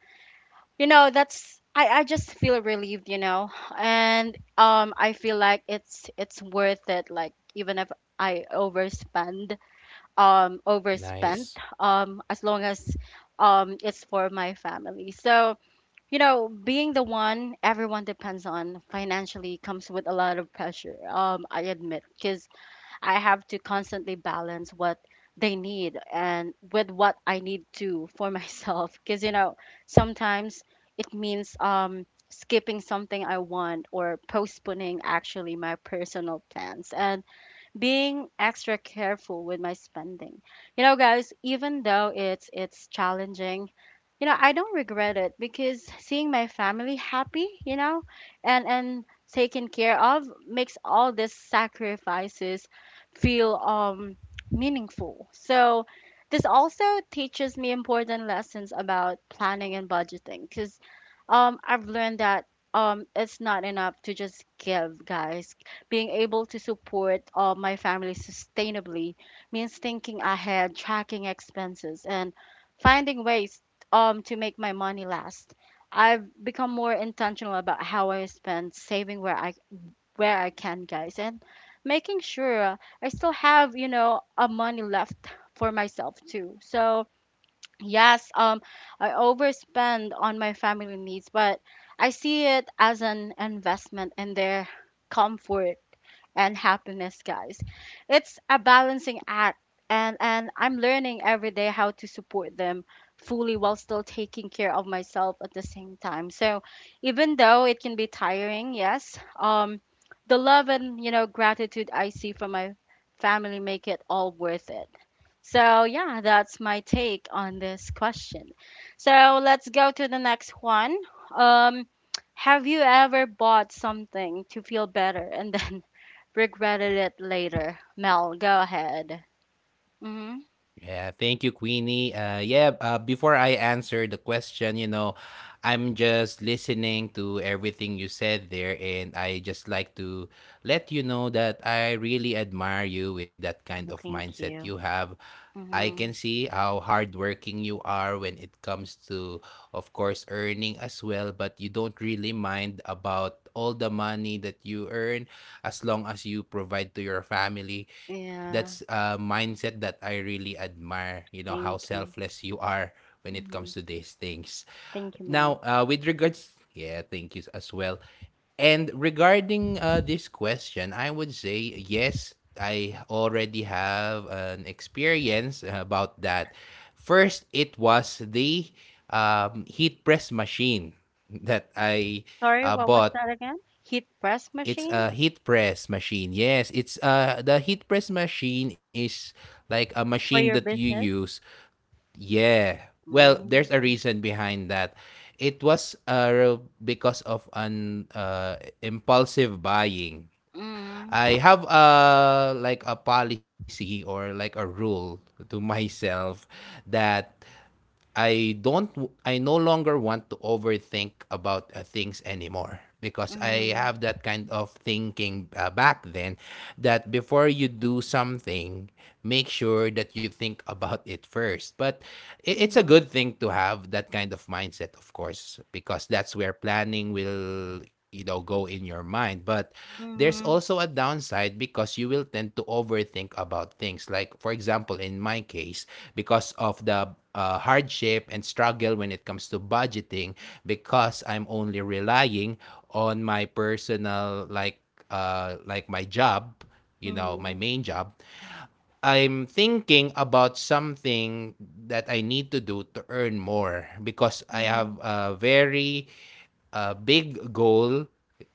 [SPEAKER 1] you know that's I just feel relieved, you know. And I feel like it's worth it, like even if I overspend overspent
[SPEAKER 2] Nice.
[SPEAKER 1] as long as it's for my family. So you know being the one everyone depends on financially comes with a lot of pressure, I admit, because I have to constantly balance what they need and with what I need to for myself, because you know sometimes it means skipping something I want or postponing actually my personal plans and being extra careful with my spending. You know, guys, even though it's challenging, you know, I don't regret it because seeing my family happy, you know, and taken care of makes all these sacrifices feel meaningful. So this also teaches me important lessons about planning and budgeting because I've learned that it's not enough to just give, guys. Being able to support my family sustainably means thinking ahead, tracking expenses, and finding ways to make my money last. I've become more intentional about how I spend, saving where I can, guys, and making sure I still have you know a money left for myself too. So yes, I overspend on my family needs, but I see it as an investment in their comfort and happiness, guys. It's a balancing act, and I'm learning every day how to support them fully while still taking care of myself at the same time. So even though it can be tiring, yes, the love and you know gratitude I see from my family make it all worth it. So yeah, that's my take on this question. So let's go to the next one. Um, have you ever bought something to feel better and then regretted it later. Mel, go ahead. Mm-hmm.
[SPEAKER 2] Yeah, thank you, Queenie. Yeah, before I answer the question, you know, I'm just listening to everything you said there, and I just like to let you know that I really admire you with that kind
[SPEAKER 1] Oh,
[SPEAKER 2] of
[SPEAKER 1] thank
[SPEAKER 2] mindset you
[SPEAKER 1] you.
[SPEAKER 2] have. I can
[SPEAKER 1] Mm-hmm.
[SPEAKER 2] see how hardworking you are when it comes to, of course, earning as well, but you don't really mind about all the money that you earn as long as you provide to your family. That's
[SPEAKER 1] Yeah.
[SPEAKER 2] a mindset that I really admire, you know, how
[SPEAKER 1] Thank you.
[SPEAKER 2] selfless you are when it comes to
[SPEAKER 1] Mm-hmm.
[SPEAKER 2] these things.
[SPEAKER 1] Thank you,
[SPEAKER 2] Now,
[SPEAKER 1] Mel.
[SPEAKER 2] with regards, yeah, thank you as well. And regarding this question, I would say yes, I already have an experience about that. First, it was the heat press machine that I
[SPEAKER 1] Sorry, what was
[SPEAKER 2] bought.
[SPEAKER 1] that again? Heat press
[SPEAKER 2] It's
[SPEAKER 1] machine?
[SPEAKER 2] a heat press machine. Yes, it's the heat press machine is like a machine
[SPEAKER 1] For
[SPEAKER 2] that
[SPEAKER 1] your
[SPEAKER 2] you
[SPEAKER 1] business?
[SPEAKER 2] use. Yeah. Well, there's a
[SPEAKER 1] Mm-hmm.
[SPEAKER 2] reason behind that. It was because of an impulsive buying.
[SPEAKER 1] Mm-hmm.
[SPEAKER 2] I have a like a policy or like a rule to myself that I don't w- I no longer want to overthink about things anymore because I
[SPEAKER 1] Mm-hmm.
[SPEAKER 2] have that kind of thinking back then that before you do something, make sure that you think about it first, but it's a good thing to have that kind of mindset, of course, because that's where planning will, you know, go in your mind. But there's
[SPEAKER 1] Mm-hmm.
[SPEAKER 2] also a downside because you will tend to overthink about things. Like, for example, in my case, because of the hardship and struggle when it comes to budgeting, because I'm only relying on my personal, like my job, you know, my
[SPEAKER 1] Mm-hmm.
[SPEAKER 2] main job. I'm thinking about something that I need to do to earn more because I
[SPEAKER 1] Mm-hmm.
[SPEAKER 2] have a very big goal.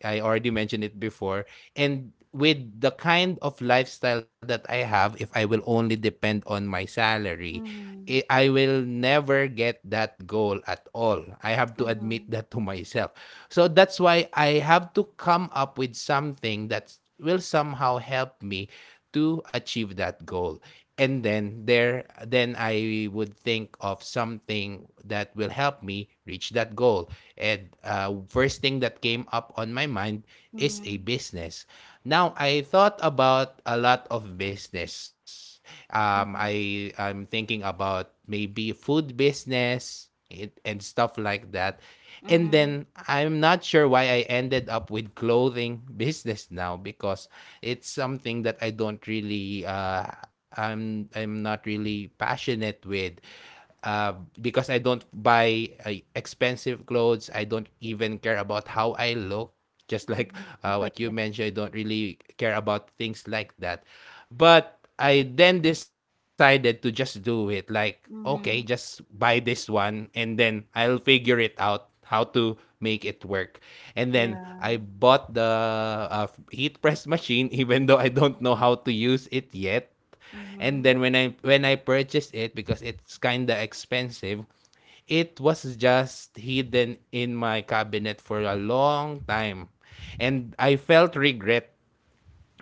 [SPEAKER 2] I already mentioned it before. And with the kind of lifestyle that I have, if I will only depend on my salary, I
[SPEAKER 1] Mm-hmm.
[SPEAKER 2] I will never get that goal at all. I have to admit
[SPEAKER 1] Mm-hmm.
[SPEAKER 2] that to myself. So that's why I have to come up with something that will somehow help me to achieve that goal. And then I would think of something that will help me reach that goal. And first thing that came up on my mind is a
[SPEAKER 1] Mm-hmm.
[SPEAKER 2] business. Now, I thought about a lot of business. um,
[SPEAKER 1] Mm-hmm.
[SPEAKER 2] i i'm thinking about maybe food business, and stuff like that. And
[SPEAKER 1] Mm-hmm.
[SPEAKER 2] then I'm not sure why I ended up with clothing business now because it's something that I don't really I'm not really passionate with, uh, because I don't buy expensive clothes. I don't even care about how I look. Just like,
[SPEAKER 1] Mm-hmm.
[SPEAKER 2] what you
[SPEAKER 1] Okay.
[SPEAKER 2] mentioned, I don't really care about things like that. But I then decided to just do it. Like, okay, just
[SPEAKER 1] Mm-hmm.
[SPEAKER 2] buy this one, and then I'll figure it out how to make it work. And then I
[SPEAKER 1] Yeah.
[SPEAKER 2] bought the heat press machine, even though I don't know how to use it yet. And
[SPEAKER 1] Mm-hmm.
[SPEAKER 2] then when I purchased it, because it's kind of expensive, it was just hidden in my cabinet for a long time. And I felt regret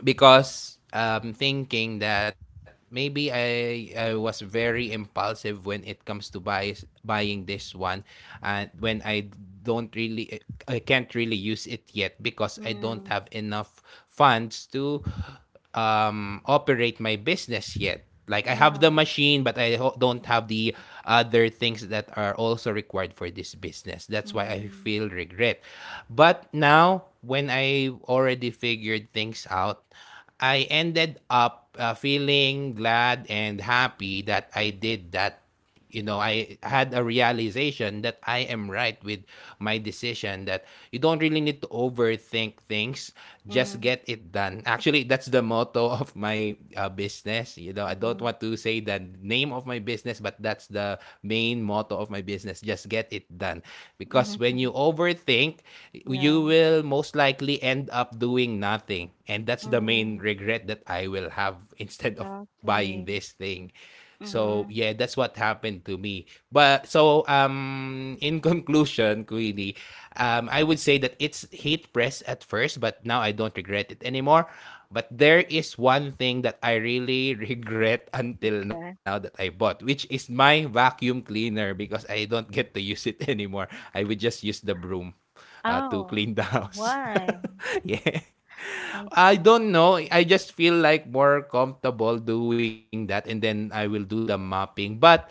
[SPEAKER 2] because thinking that maybe I was very impulsive when it comes to buying this one. And when I can't really use it yet because I don't
[SPEAKER 1] Mm-hmm.
[SPEAKER 2] have enough funds to operate my business yet. Like, I have
[SPEAKER 1] Yeah.
[SPEAKER 2] the machine, but don't have the other things that are also required for this business. That's why I
[SPEAKER 1] Mm-hmm.
[SPEAKER 2] feel regret. But now, when I already figured things out, I ended up feeling glad and happy that I did that. You know, I had a realization that I am right with my decision that you don't really need to overthink things. Just
[SPEAKER 1] Mm-hmm.
[SPEAKER 2] get it done. Actually, that's the motto of my business. You know, I don't want to say the name of my business, but that's the main motto of my business: just get it done. Because
[SPEAKER 1] Mhm,
[SPEAKER 2] when
[SPEAKER 1] mhm.
[SPEAKER 2] you overthink, you
[SPEAKER 1] Yeah.
[SPEAKER 2] will most likely end up doing nothing, and that's the
[SPEAKER 1] Mhm.
[SPEAKER 2] main regret that I will have, instead of buying
[SPEAKER 1] Exactly.
[SPEAKER 2] this thing. So, yeah,
[SPEAKER 1] Mhm.
[SPEAKER 2] that's what happened to me. But so in conclusion, Queenie, I would say that it's hate press at first, but now I don't regret it anymore. But there is one thing that I really regret until
[SPEAKER 1] Okay.
[SPEAKER 2] now that I bought, which is my vacuum cleaner because I don't get to use it anymore. I would just use the broom
[SPEAKER 1] Oh,
[SPEAKER 2] to clean the house.
[SPEAKER 1] why?
[SPEAKER 2] Yeah.
[SPEAKER 1] Okay.
[SPEAKER 2] I don't know. I just feel like more comfortable doing that, and then I will do the mopping. But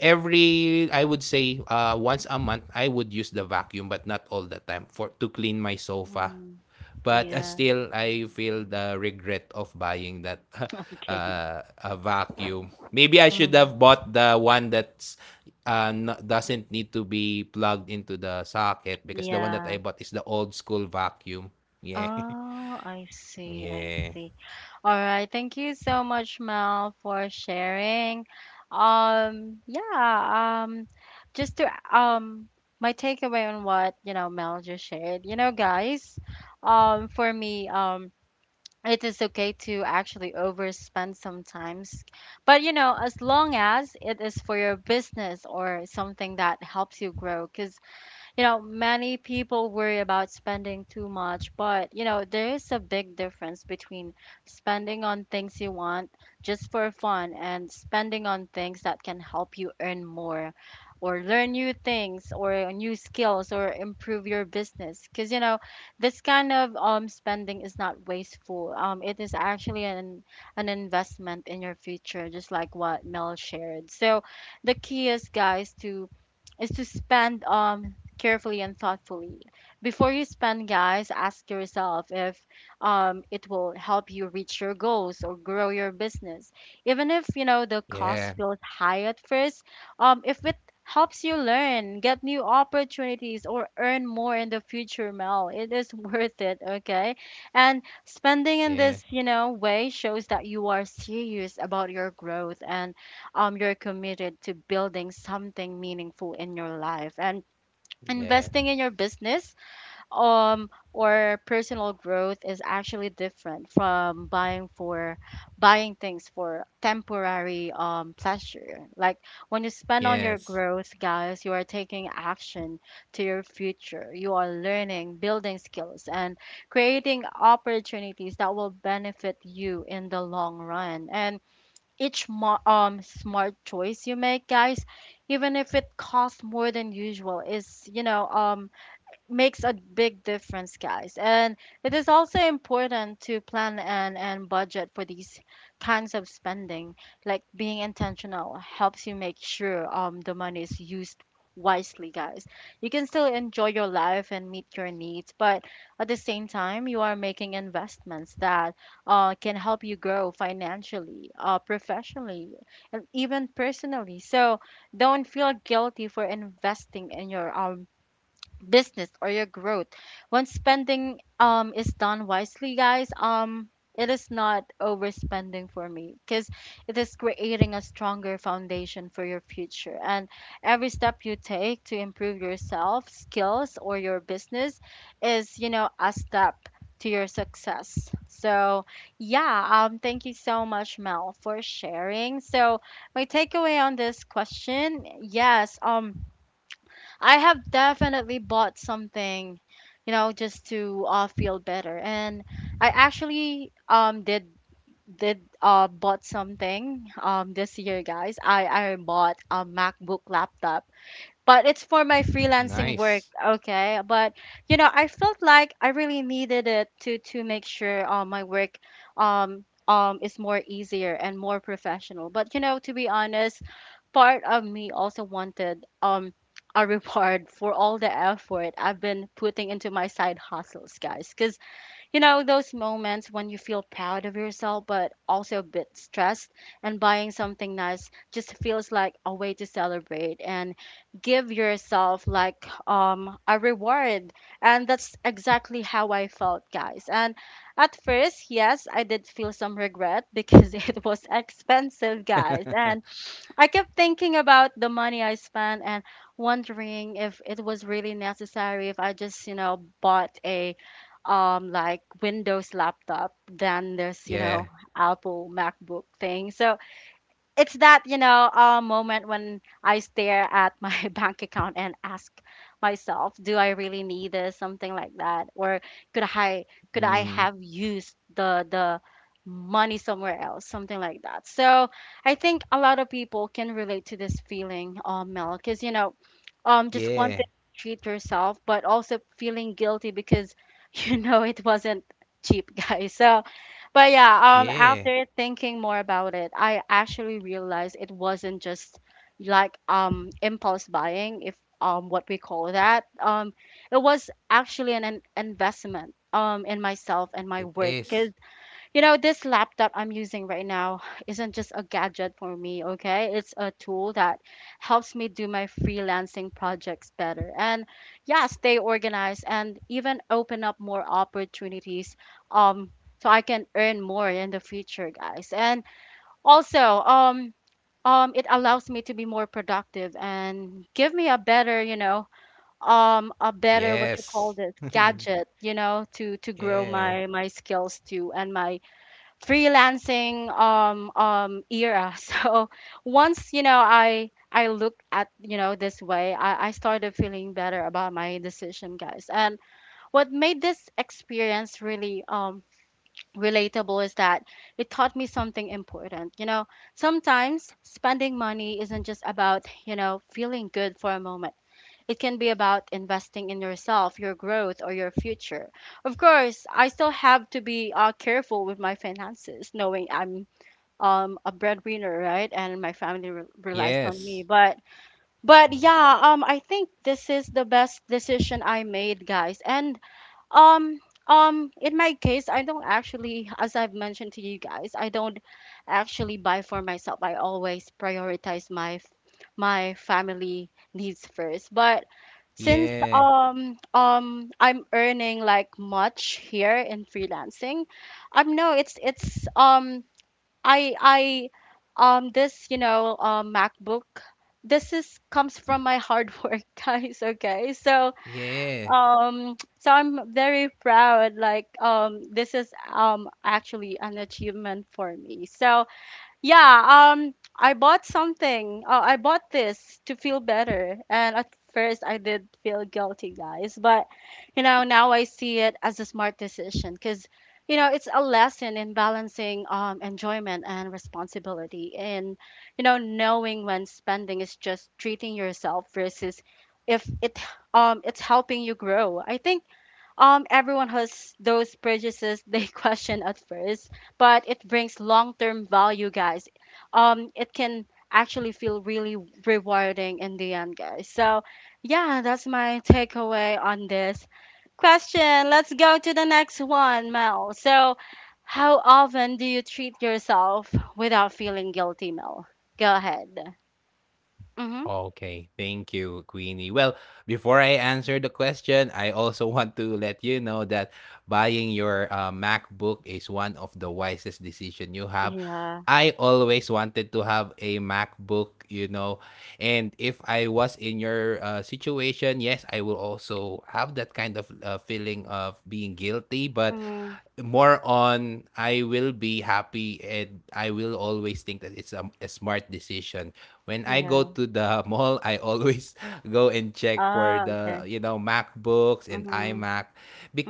[SPEAKER 2] every, I would say, once a month I would use the vacuum, but not all the time, for to clean my sofa.
[SPEAKER 1] Mm.
[SPEAKER 2] But
[SPEAKER 1] Yeah.
[SPEAKER 2] still I feel the regret of buying that,
[SPEAKER 1] Okay.
[SPEAKER 2] a vacuum. Maybe I should
[SPEAKER 1] Mm.
[SPEAKER 2] have bought the one that's doesn't need to be plugged into the socket, because the one that
[SPEAKER 1] Yeah.
[SPEAKER 2] I bought is the old school vacuum. Yeah.
[SPEAKER 1] Oh, I see. I
[SPEAKER 2] Yeah,
[SPEAKER 1] see. All right. Thank you so much, Mel, for sharing. Yeah, um, just to um my takeaway on what, you know, Mel just shared. You know, guys, for me, it is okay to actually overspend sometimes, but you know as long as it is for your business or something that helps you grow, cuz you know, many people worry about spending too much, but you know, there is a big difference between spending on things you want just for fun and spending on things that can help you earn more or learn new things or new skills or improve your business. Because you know, this kind of spending is not wasteful. It is actually an investment in your future, just like what Mel shared. So the key is, guys, to is to spend carefully and thoughtfully. Before you spend, guys, ask yourself if it will help you reach your goals or grow your business. Even if you know the
[SPEAKER 2] yeah,
[SPEAKER 1] cost feels high at first, if it helps you learn, get new opportunities, or earn more in the future, Mel, it is worth it. Okay, and spending in
[SPEAKER 2] yeah,
[SPEAKER 1] this you know way shows that you are serious about your growth and you're committed to building something meaningful in your life. And
[SPEAKER 2] yeah,
[SPEAKER 1] investing in your business or personal growth is actually different from buying things for temporary pleasure, like when you spend on your
[SPEAKER 2] yes,
[SPEAKER 1] growth, guys, you are taking action to your future. You are learning, building skills, and creating opportunities that will benefit you in the long run. And each smart choice you make, guys, even if it costs more than usual, is you know makes a big difference, guys. And it is also important to plan and budget for these kinds of spending. Like being intentional helps you make sure the money is used wisely, guys. You can still enjoy your life and meet your needs, but at the same time, you are making investments that can help you grow financially, professionally, and even personally. So don't feel guilty for investing in your business or your growth. When spending is done wisely, guys, it is not overspending for me because it is creating a stronger foundation for your future. And every step you take to improve yourself, skills, or your business is, you know, a step to your success. So, yeah, thank you so much, Mel, for sharing. So, my takeaway on this question, yes, I have definitely bought something, you know, just to feel better. And I actually did bought something this year, guys. I bought a MacBook laptop, but it's for my freelancing
[SPEAKER 2] nice.
[SPEAKER 1] work, okay? But you know, I felt like I really needed it to make sure my work is more easier and more professional. But you know, to be honest, part of me also wanted a reward for all the effort I've been putting into my side hustles, guys. Because you know those moments when you feel proud of yourself but also a bit stressed, and buying something nice just feels like a way to celebrate and give yourself like a reward. And that's exactly how I felt, guys. And at first, yes, I did feel some regret because it was expensive, guys, and I kept thinking about the money I spent and wondering if it was really necessary, if I just, you know, bought a like Windows laptop than this, you
[SPEAKER 2] Yeah,
[SPEAKER 1] know, Apple MacBook thing. So it's that you know moment when I stare at my bank account and ask myself, do I really need this? Something like that, or could I could I
[SPEAKER 2] mhm,
[SPEAKER 1] have used the money somewhere else? Something like that. So I think a lot of people can relate to this feeling, Mel, because just wanting to
[SPEAKER 2] yeah,
[SPEAKER 1] treat yourself, but also feeling guilty because you know it wasn't cheap, guys. But yeah,
[SPEAKER 2] yeah,
[SPEAKER 1] after thinking more about it, I actually realized it wasn't just like impulse buying, if what we call that. It was actually an investment in myself and my
[SPEAKER 2] it
[SPEAKER 1] work, 'cause
[SPEAKER 2] is.
[SPEAKER 1] you know, this laptop I'm using right now isn't just a gadget for me, okay? It's a tool that helps me do my freelancing projects better and, yeah, stay organized and even open up more opportunities um so I can earn more in the future, guys. And also, it allows me to be more productive and give me a better, a better what you call
[SPEAKER 2] Yes.
[SPEAKER 1] this gadget, you know, to grow
[SPEAKER 2] Yeah,
[SPEAKER 1] my skills too and my freelancing era so once I looked at this way I started feeling better about my decision, guys. And what made this experience really relatable is that it taught me something important, you know, sometimes spending money isn't just about, you know, feeling good for a moment. It can be about investing in yourself, your growth, or your future. Of course, I still have to be careful with my finances, knowing I'm a breadwinner, right? And my family relies on me.
[SPEAKER 2] yes,
[SPEAKER 1] But
[SPEAKER 2] mm,
[SPEAKER 1] yeah, I think this is the best decision I made, guys. And um, in my case, I don't actually, as I've mentioned to you guys, I don't actually buy for myself. I always prioritize my my family needs first. But since
[SPEAKER 2] yeah,
[SPEAKER 1] I'm earning like much here in freelancing, no, it's I this MacBook. This is comes from my hard work, guys. Okay, so
[SPEAKER 2] yeah.
[SPEAKER 1] so I'm very proud, like this is actually an achievement for me. So yeah, I bought something. I bought this to feel better. And at first, I did feel guilty, guys. But, you know, now I see it as a smart decision because, you know, it's a lesson in balancing, enjoyment and responsibility and, you know, knowing when spending is just treating yourself versus if it's helping you grow. I think everyone has those purchases they question at first, but it brings long-term value, guys. It can actually feel really rewarding in the end, guys. So, yeah, that's my takeaway on this question. Let's go to the next one, Mel. So, how often do you treat yourself without feeling guilty, Mel? Go ahead. Mm-hmm.
[SPEAKER 2] Okay, thank you, Queenie. Well, before I answer the question, I also want to let you know that buying your MacBook is one of the wisest decision you have.
[SPEAKER 1] Yeah.
[SPEAKER 2] I always wanted to have a MacBook, you know. And if I was in your situation, yes, I will also have that kind of feeling of being guilty, but
[SPEAKER 1] Mm,
[SPEAKER 2] more on I will be happy and I will always think that it's a smart decision. When I go
[SPEAKER 1] yeah.
[SPEAKER 2] to the mall, I always go and check for
[SPEAKER 1] Ah,
[SPEAKER 2] the,
[SPEAKER 1] okay.
[SPEAKER 2] you know, MacBooks and
[SPEAKER 1] Mm-hmm.
[SPEAKER 2] iMac,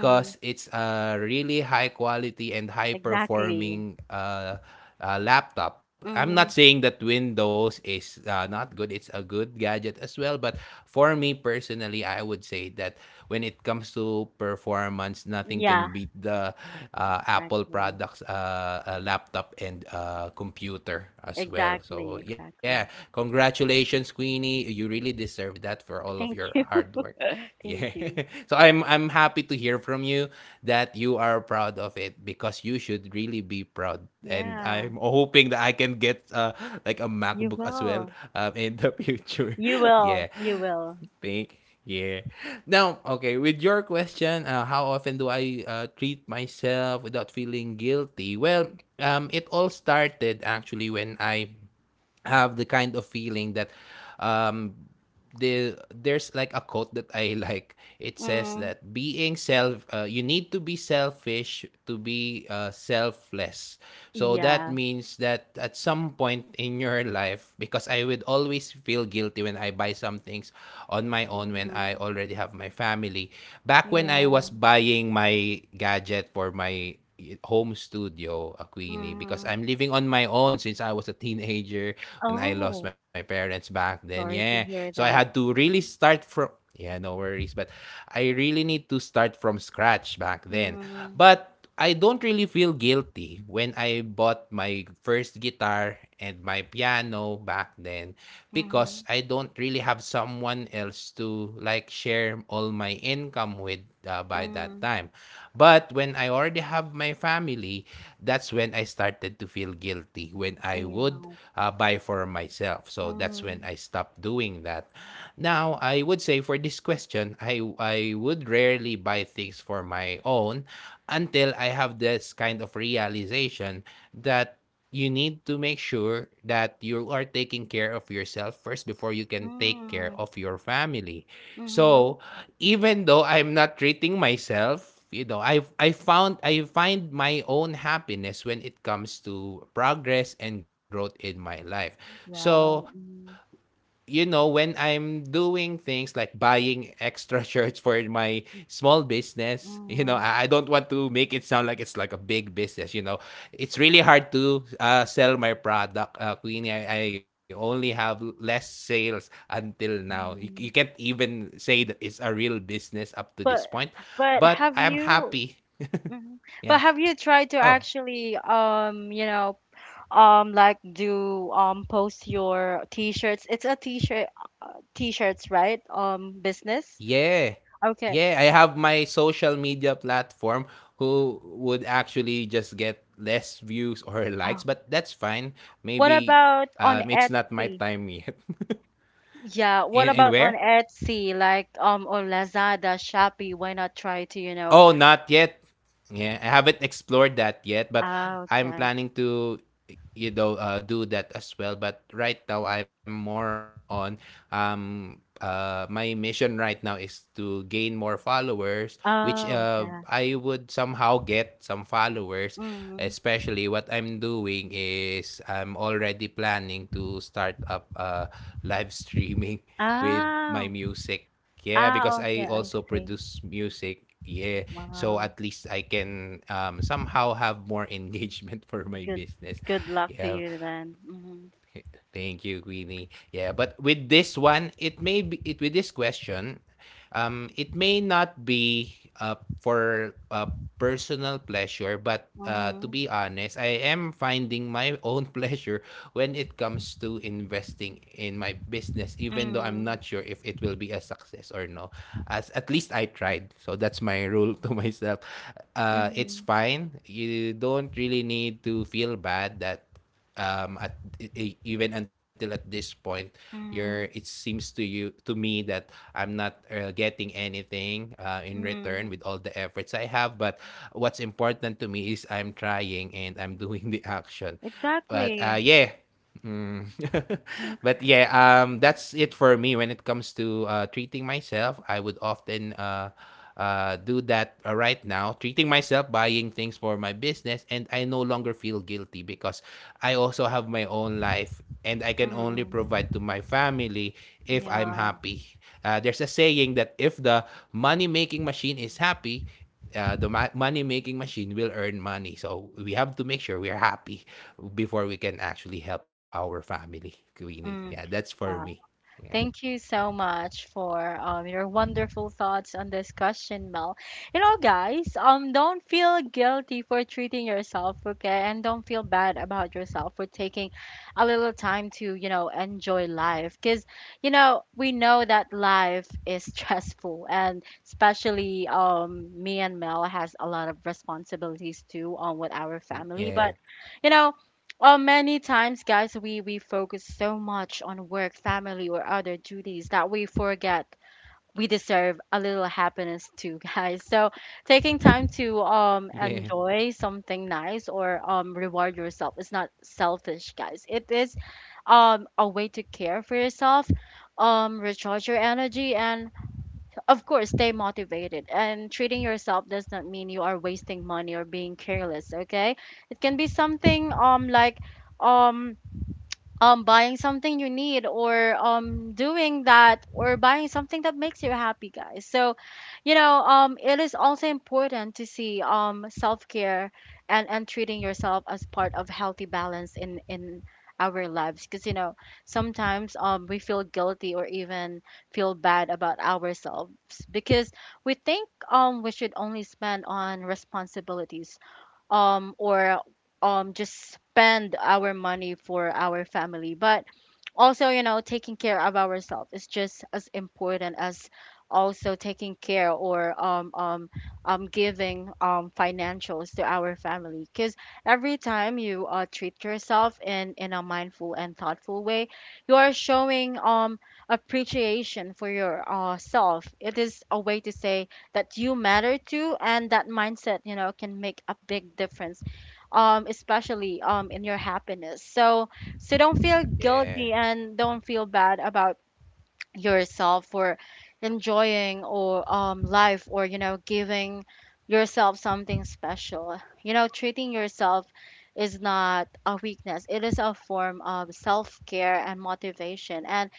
[SPEAKER 1] Mm,
[SPEAKER 2] it's a really high quality and high
[SPEAKER 1] exactly.
[SPEAKER 2] performing laptop. I'm not
[SPEAKER 1] Mm,
[SPEAKER 2] saying that Windows is not good. It's a good gadget as well. But for me personally, I would say that when it comes to performance, nothing
[SPEAKER 1] yeah,
[SPEAKER 2] can beat the Apple
[SPEAKER 1] exactly.
[SPEAKER 2] products, laptop, and computer as well.
[SPEAKER 1] Exactly,
[SPEAKER 2] So, yeah,
[SPEAKER 1] exactly.
[SPEAKER 2] congratulations, Queenie. You really deserve that for all of
[SPEAKER 1] Thank
[SPEAKER 2] your
[SPEAKER 1] you.
[SPEAKER 2] hard work.
[SPEAKER 1] Thank
[SPEAKER 2] Yeah.
[SPEAKER 1] you.
[SPEAKER 2] So I'm happy to hear from you that you are proud of it because you should really be proud. And
[SPEAKER 1] Yeah,
[SPEAKER 2] I'm hoping that I can get like a MacBook
[SPEAKER 1] you
[SPEAKER 2] as well
[SPEAKER 1] will.
[SPEAKER 2] in the future.
[SPEAKER 1] You
[SPEAKER 2] Yeah.
[SPEAKER 1] will. You will.
[SPEAKER 2] Thank, yeah. Now, okay, with your question, how often do I treat myself without feeling guilty? Well, it all started actually when I have the kind of feeling that um there's like a quote that I like. It says
[SPEAKER 1] Mm,
[SPEAKER 2] that being self, you need to be selfish to be selfless. So that
[SPEAKER 1] yeah.
[SPEAKER 2] means that at some point in your life, because I would always feel guilty when I buy some things on my own when
[SPEAKER 1] Mm-hmm.
[SPEAKER 2] I already have my family. Back when I was
[SPEAKER 1] Yeah.
[SPEAKER 2] buying my gadget for my home studio, a Queenie, because
[SPEAKER 1] Mm-hmm.
[SPEAKER 2] I'm living on my own since I was a teenager and I lost my
[SPEAKER 1] Oh,
[SPEAKER 2] parents back then. Yeah.
[SPEAKER 1] sorry to
[SPEAKER 2] So I
[SPEAKER 1] hear
[SPEAKER 2] had to
[SPEAKER 1] that.
[SPEAKER 2] really start from yeah, no worries. But I really need to start from scratch back then.
[SPEAKER 1] Mm-hmm.
[SPEAKER 2] But I don't really feel guilty when I bought my first guitar and my piano back then because
[SPEAKER 1] Mm-hmm.
[SPEAKER 2] I don't really have someone else to like share all my income with by that
[SPEAKER 1] Mm-hmm.
[SPEAKER 2] time. But when I already have my family, that's when I started to feel guilty when I would
[SPEAKER 1] Yeah.
[SPEAKER 2] buy for myself. So that's when I
[SPEAKER 1] Mm-hmm.
[SPEAKER 2] stopped doing that. Now, I would say for this question, I would rarely buy things for my own until I have this kind of realization that you need to make sure that you are taking care of yourself first before you can take care
[SPEAKER 1] Mm-hmm.
[SPEAKER 2] of your family.
[SPEAKER 1] Mm-hmm.
[SPEAKER 2] So, even though I'm not treating myself, I found I find my own happiness when it comes to progress and growth in my life. So,
[SPEAKER 1] Wow. Mm-hmm.
[SPEAKER 2] when I'm doing things like buying extra shirts for my small business, you know, I don't want to make it sound like it's like a big business. You know, it's really hard to sell my product, Queenie. I only have less sales until now. You can't
[SPEAKER 1] Mm-hmm.
[SPEAKER 2] even say that it's a real business up to this point,
[SPEAKER 1] But
[SPEAKER 2] but
[SPEAKER 1] but
[SPEAKER 2] I'm
[SPEAKER 1] have
[SPEAKER 2] happy.
[SPEAKER 1] you? Mhm.
[SPEAKER 2] Yeah.
[SPEAKER 1] But have you tried to
[SPEAKER 2] Oh,
[SPEAKER 1] actually, you know, like do post your t-shirts? It's a t-shirt, t-shirts, right? Business.
[SPEAKER 2] yeah.
[SPEAKER 1] Okay.
[SPEAKER 2] Yeah, I have my social media platform who would actually just get less views or
[SPEAKER 1] Oh.
[SPEAKER 2] likes, but that's fine.
[SPEAKER 1] What
[SPEAKER 2] Maybe
[SPEAKER 1] about on
[SPEAKER 2] it's not my
[SPEAKER 1] Etsy?
[SPEAKER 2] time yet.
[SPEAKER 1] Yeah. What
[SPEAKER 2] And
[SPEAKER 1] about on
[SPEAKER 2] where?
[SPEAKER 1] Etsy, like or Lazada, Shopee? Why not try to, you know?
[SPEAKER 2] Oh, not yet. Yeah, I haven't explored that yet, but
[SPEAKER 1] Ah,
[SPEAKER 2] I'm
[SPEAKER 1] okay.
[SPEAKER 2] planning to, do that as well. But right now, I'm more on my mission right now is to gain more followers, which
[SPEAKER 1] Oh, okay.
[SPEAKER 2] I would somehow get some followers.
[SPEAKER 1] Mm-hmm.
[SPEAKER 2] Especially what I'm doing is I'm already planning to start up live streaming with my
[SPEAKER 1] Oh.
[SPEAKER 2] music yeah, because
[SPEAKER 1] Ah, okay.
[SPEAKER 2] I
[SPEAKER 1] I
[SPEAKER 2] also
[SPEAKER 1] see.
[SPEAKER 2] produce music. Yeah. So
[SPEAKER 1] Wow.
[SPEAKER 2] at least I can somehow have more engagement for my
[SPEAKER 1] Good.
[SPEAKER 2] business.
[SPEAKER 1] Good luck to
[SPEAKER 2] Yeah.
[SPEAKER 1] you then. Mm-hmm.
[SPEAKER 2] Thank you, Queenie. Yeah, but with this one, it may be it with this question, it may not be for personal pleasure, but to
[SPEAKER 1] Mm-hmm.
[SPEAKER 2] be honest, I am finding my own pleasure when it comes to investing in my business, even though I'm not
[SPEAKER 1] Mm.
[SPEAKER 2] sure if it will be a success or no as at least I tried. So that's my rule to myself. It's
[SPEAKER 1] Mhm.
[SPEAKER 2] fine. You don't really need to feel bad that at even until at this point you're it
[SPEAKER 1] Mhm.
[SPEAKER 2] seems to you to me that I'm not getting anything in return with
[SPEAKER 1] Mhm.
[SPEAKER 2] all the efforts I have, but what's important to me is I'm trying and I'm doing the action but
[SPEAKER 1] Exactly.
[SPEAKER 2] yeah. Mm.
[SPEAKER 1] Mhm.
[SPEAKER 2] But yeah, that's it for me when it comes to treating myself. I would often do that right now, treating myself, buying things for my business, and I no longer feel guilty because I also have my own life and I can
[SPEAKER 1] Mm.
[SPEAKER 2] only provide
[SPEAKER 1] Mm,
[SPEAKER 2] to my family if I'm
[SPEAKER 1] yeah.
[SPEAKER 2] happy. There's a saying that if the money making machine is happy, money making machine will earn money. So we have to make sure we are happy before we can actually help our family, Queenie. Yeah,
[SPEAKER 1] Mm.
[SPEAKER 2] that's for
[SPEAKER 1] Wow.
[SPEAKER 2] me. Yeah.
[SPEAKER 1] Thank you so much for your wonderful thoughts on this question, Mel. You know, guys, don't feel guilty for treating yourself, okay? And don't feel bad about yourself for taking a little time to, you know, enjoy life. Because, you know, we know that life is stressful, and especially, me and Mel has a lot of responsibilities too, with our family. But,
[SPEAKER 2] Yeah.
[SPEAKER 1] you know, well, many times, guys, we focus so much on work, family, or other duties that we forget we deserve a little happiness too, guys. So, taking time to
[SPEAKER 2] Yeah.
[SPEAKER 1] enjoy something nice or reward yourself is not selfish, guys. It is a way to care for yourself, recharge your energy, and of course stay motivated. And treating yourself does not mean you are wasting money or being careless, okay? It can be something like um buying something you need, or doing that, or buying something that makes you happy, guys. So, you know, it is also important to see self-care and treating yourself as part of healthy balance in our lives, because you know sometimes we feel guilty or even feel bad about ourselves because we think we should only spend on responsibilities, or just spend our money for our family. But also, you know, taking care of ourselves is just as important as also taking care or giving financials to our family, because every time you treat yourself in a mindful and thoughtful way, you are showing appreciation for your self. It is a way to say that you matter too, and that mindset, you know, can make a big difference, especially in your happiness. So, so don't feel
[SPEAKER 2] Yeah.
[SPEAKER 1] guilty and don't feel bad about yourself for enjoying or life, or you know, giving yourself something special. You know, treating yourself is not a weakness. It is a form of self-care and motivation. And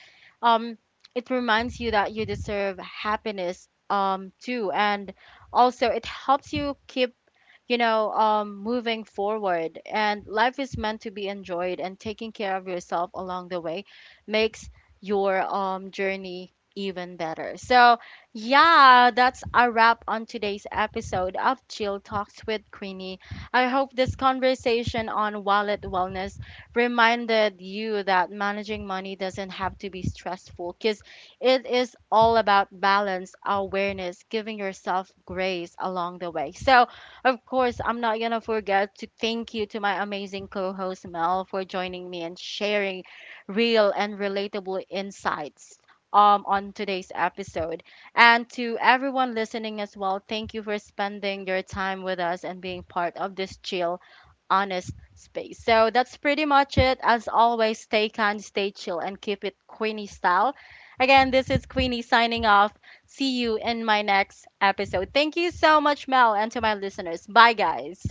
[SPEAKER 1] um it reminds you that you deserve happiness, too, and also it helps you keep, you know, moving forward. And life is meant to be enjoyed, and taking care of yourself along the way makes your, journey even better. So, yeah, that's a wrap on today's episode of Chill Talks with Queenie. I hope this conversation on wallet wellness reminded you that managing money doesn't have to be stressful, because it is all about balance, awareness, giving yourself grace along the way. So, of course, I'm not going to forget to thank you to my amazing co host Mel for joining me and sharing real and relatable insights on today's episode. And to everyone listening as well, thank you for spending your time with us and being part of this chill, honest space. So that's pretty much it. As always, stay kind, stay chill, and keep it Queenie style. Again, this is Queenie signing off. See you in my next episode. Thank you so much, Mel, and to my listeners. Bye, guys.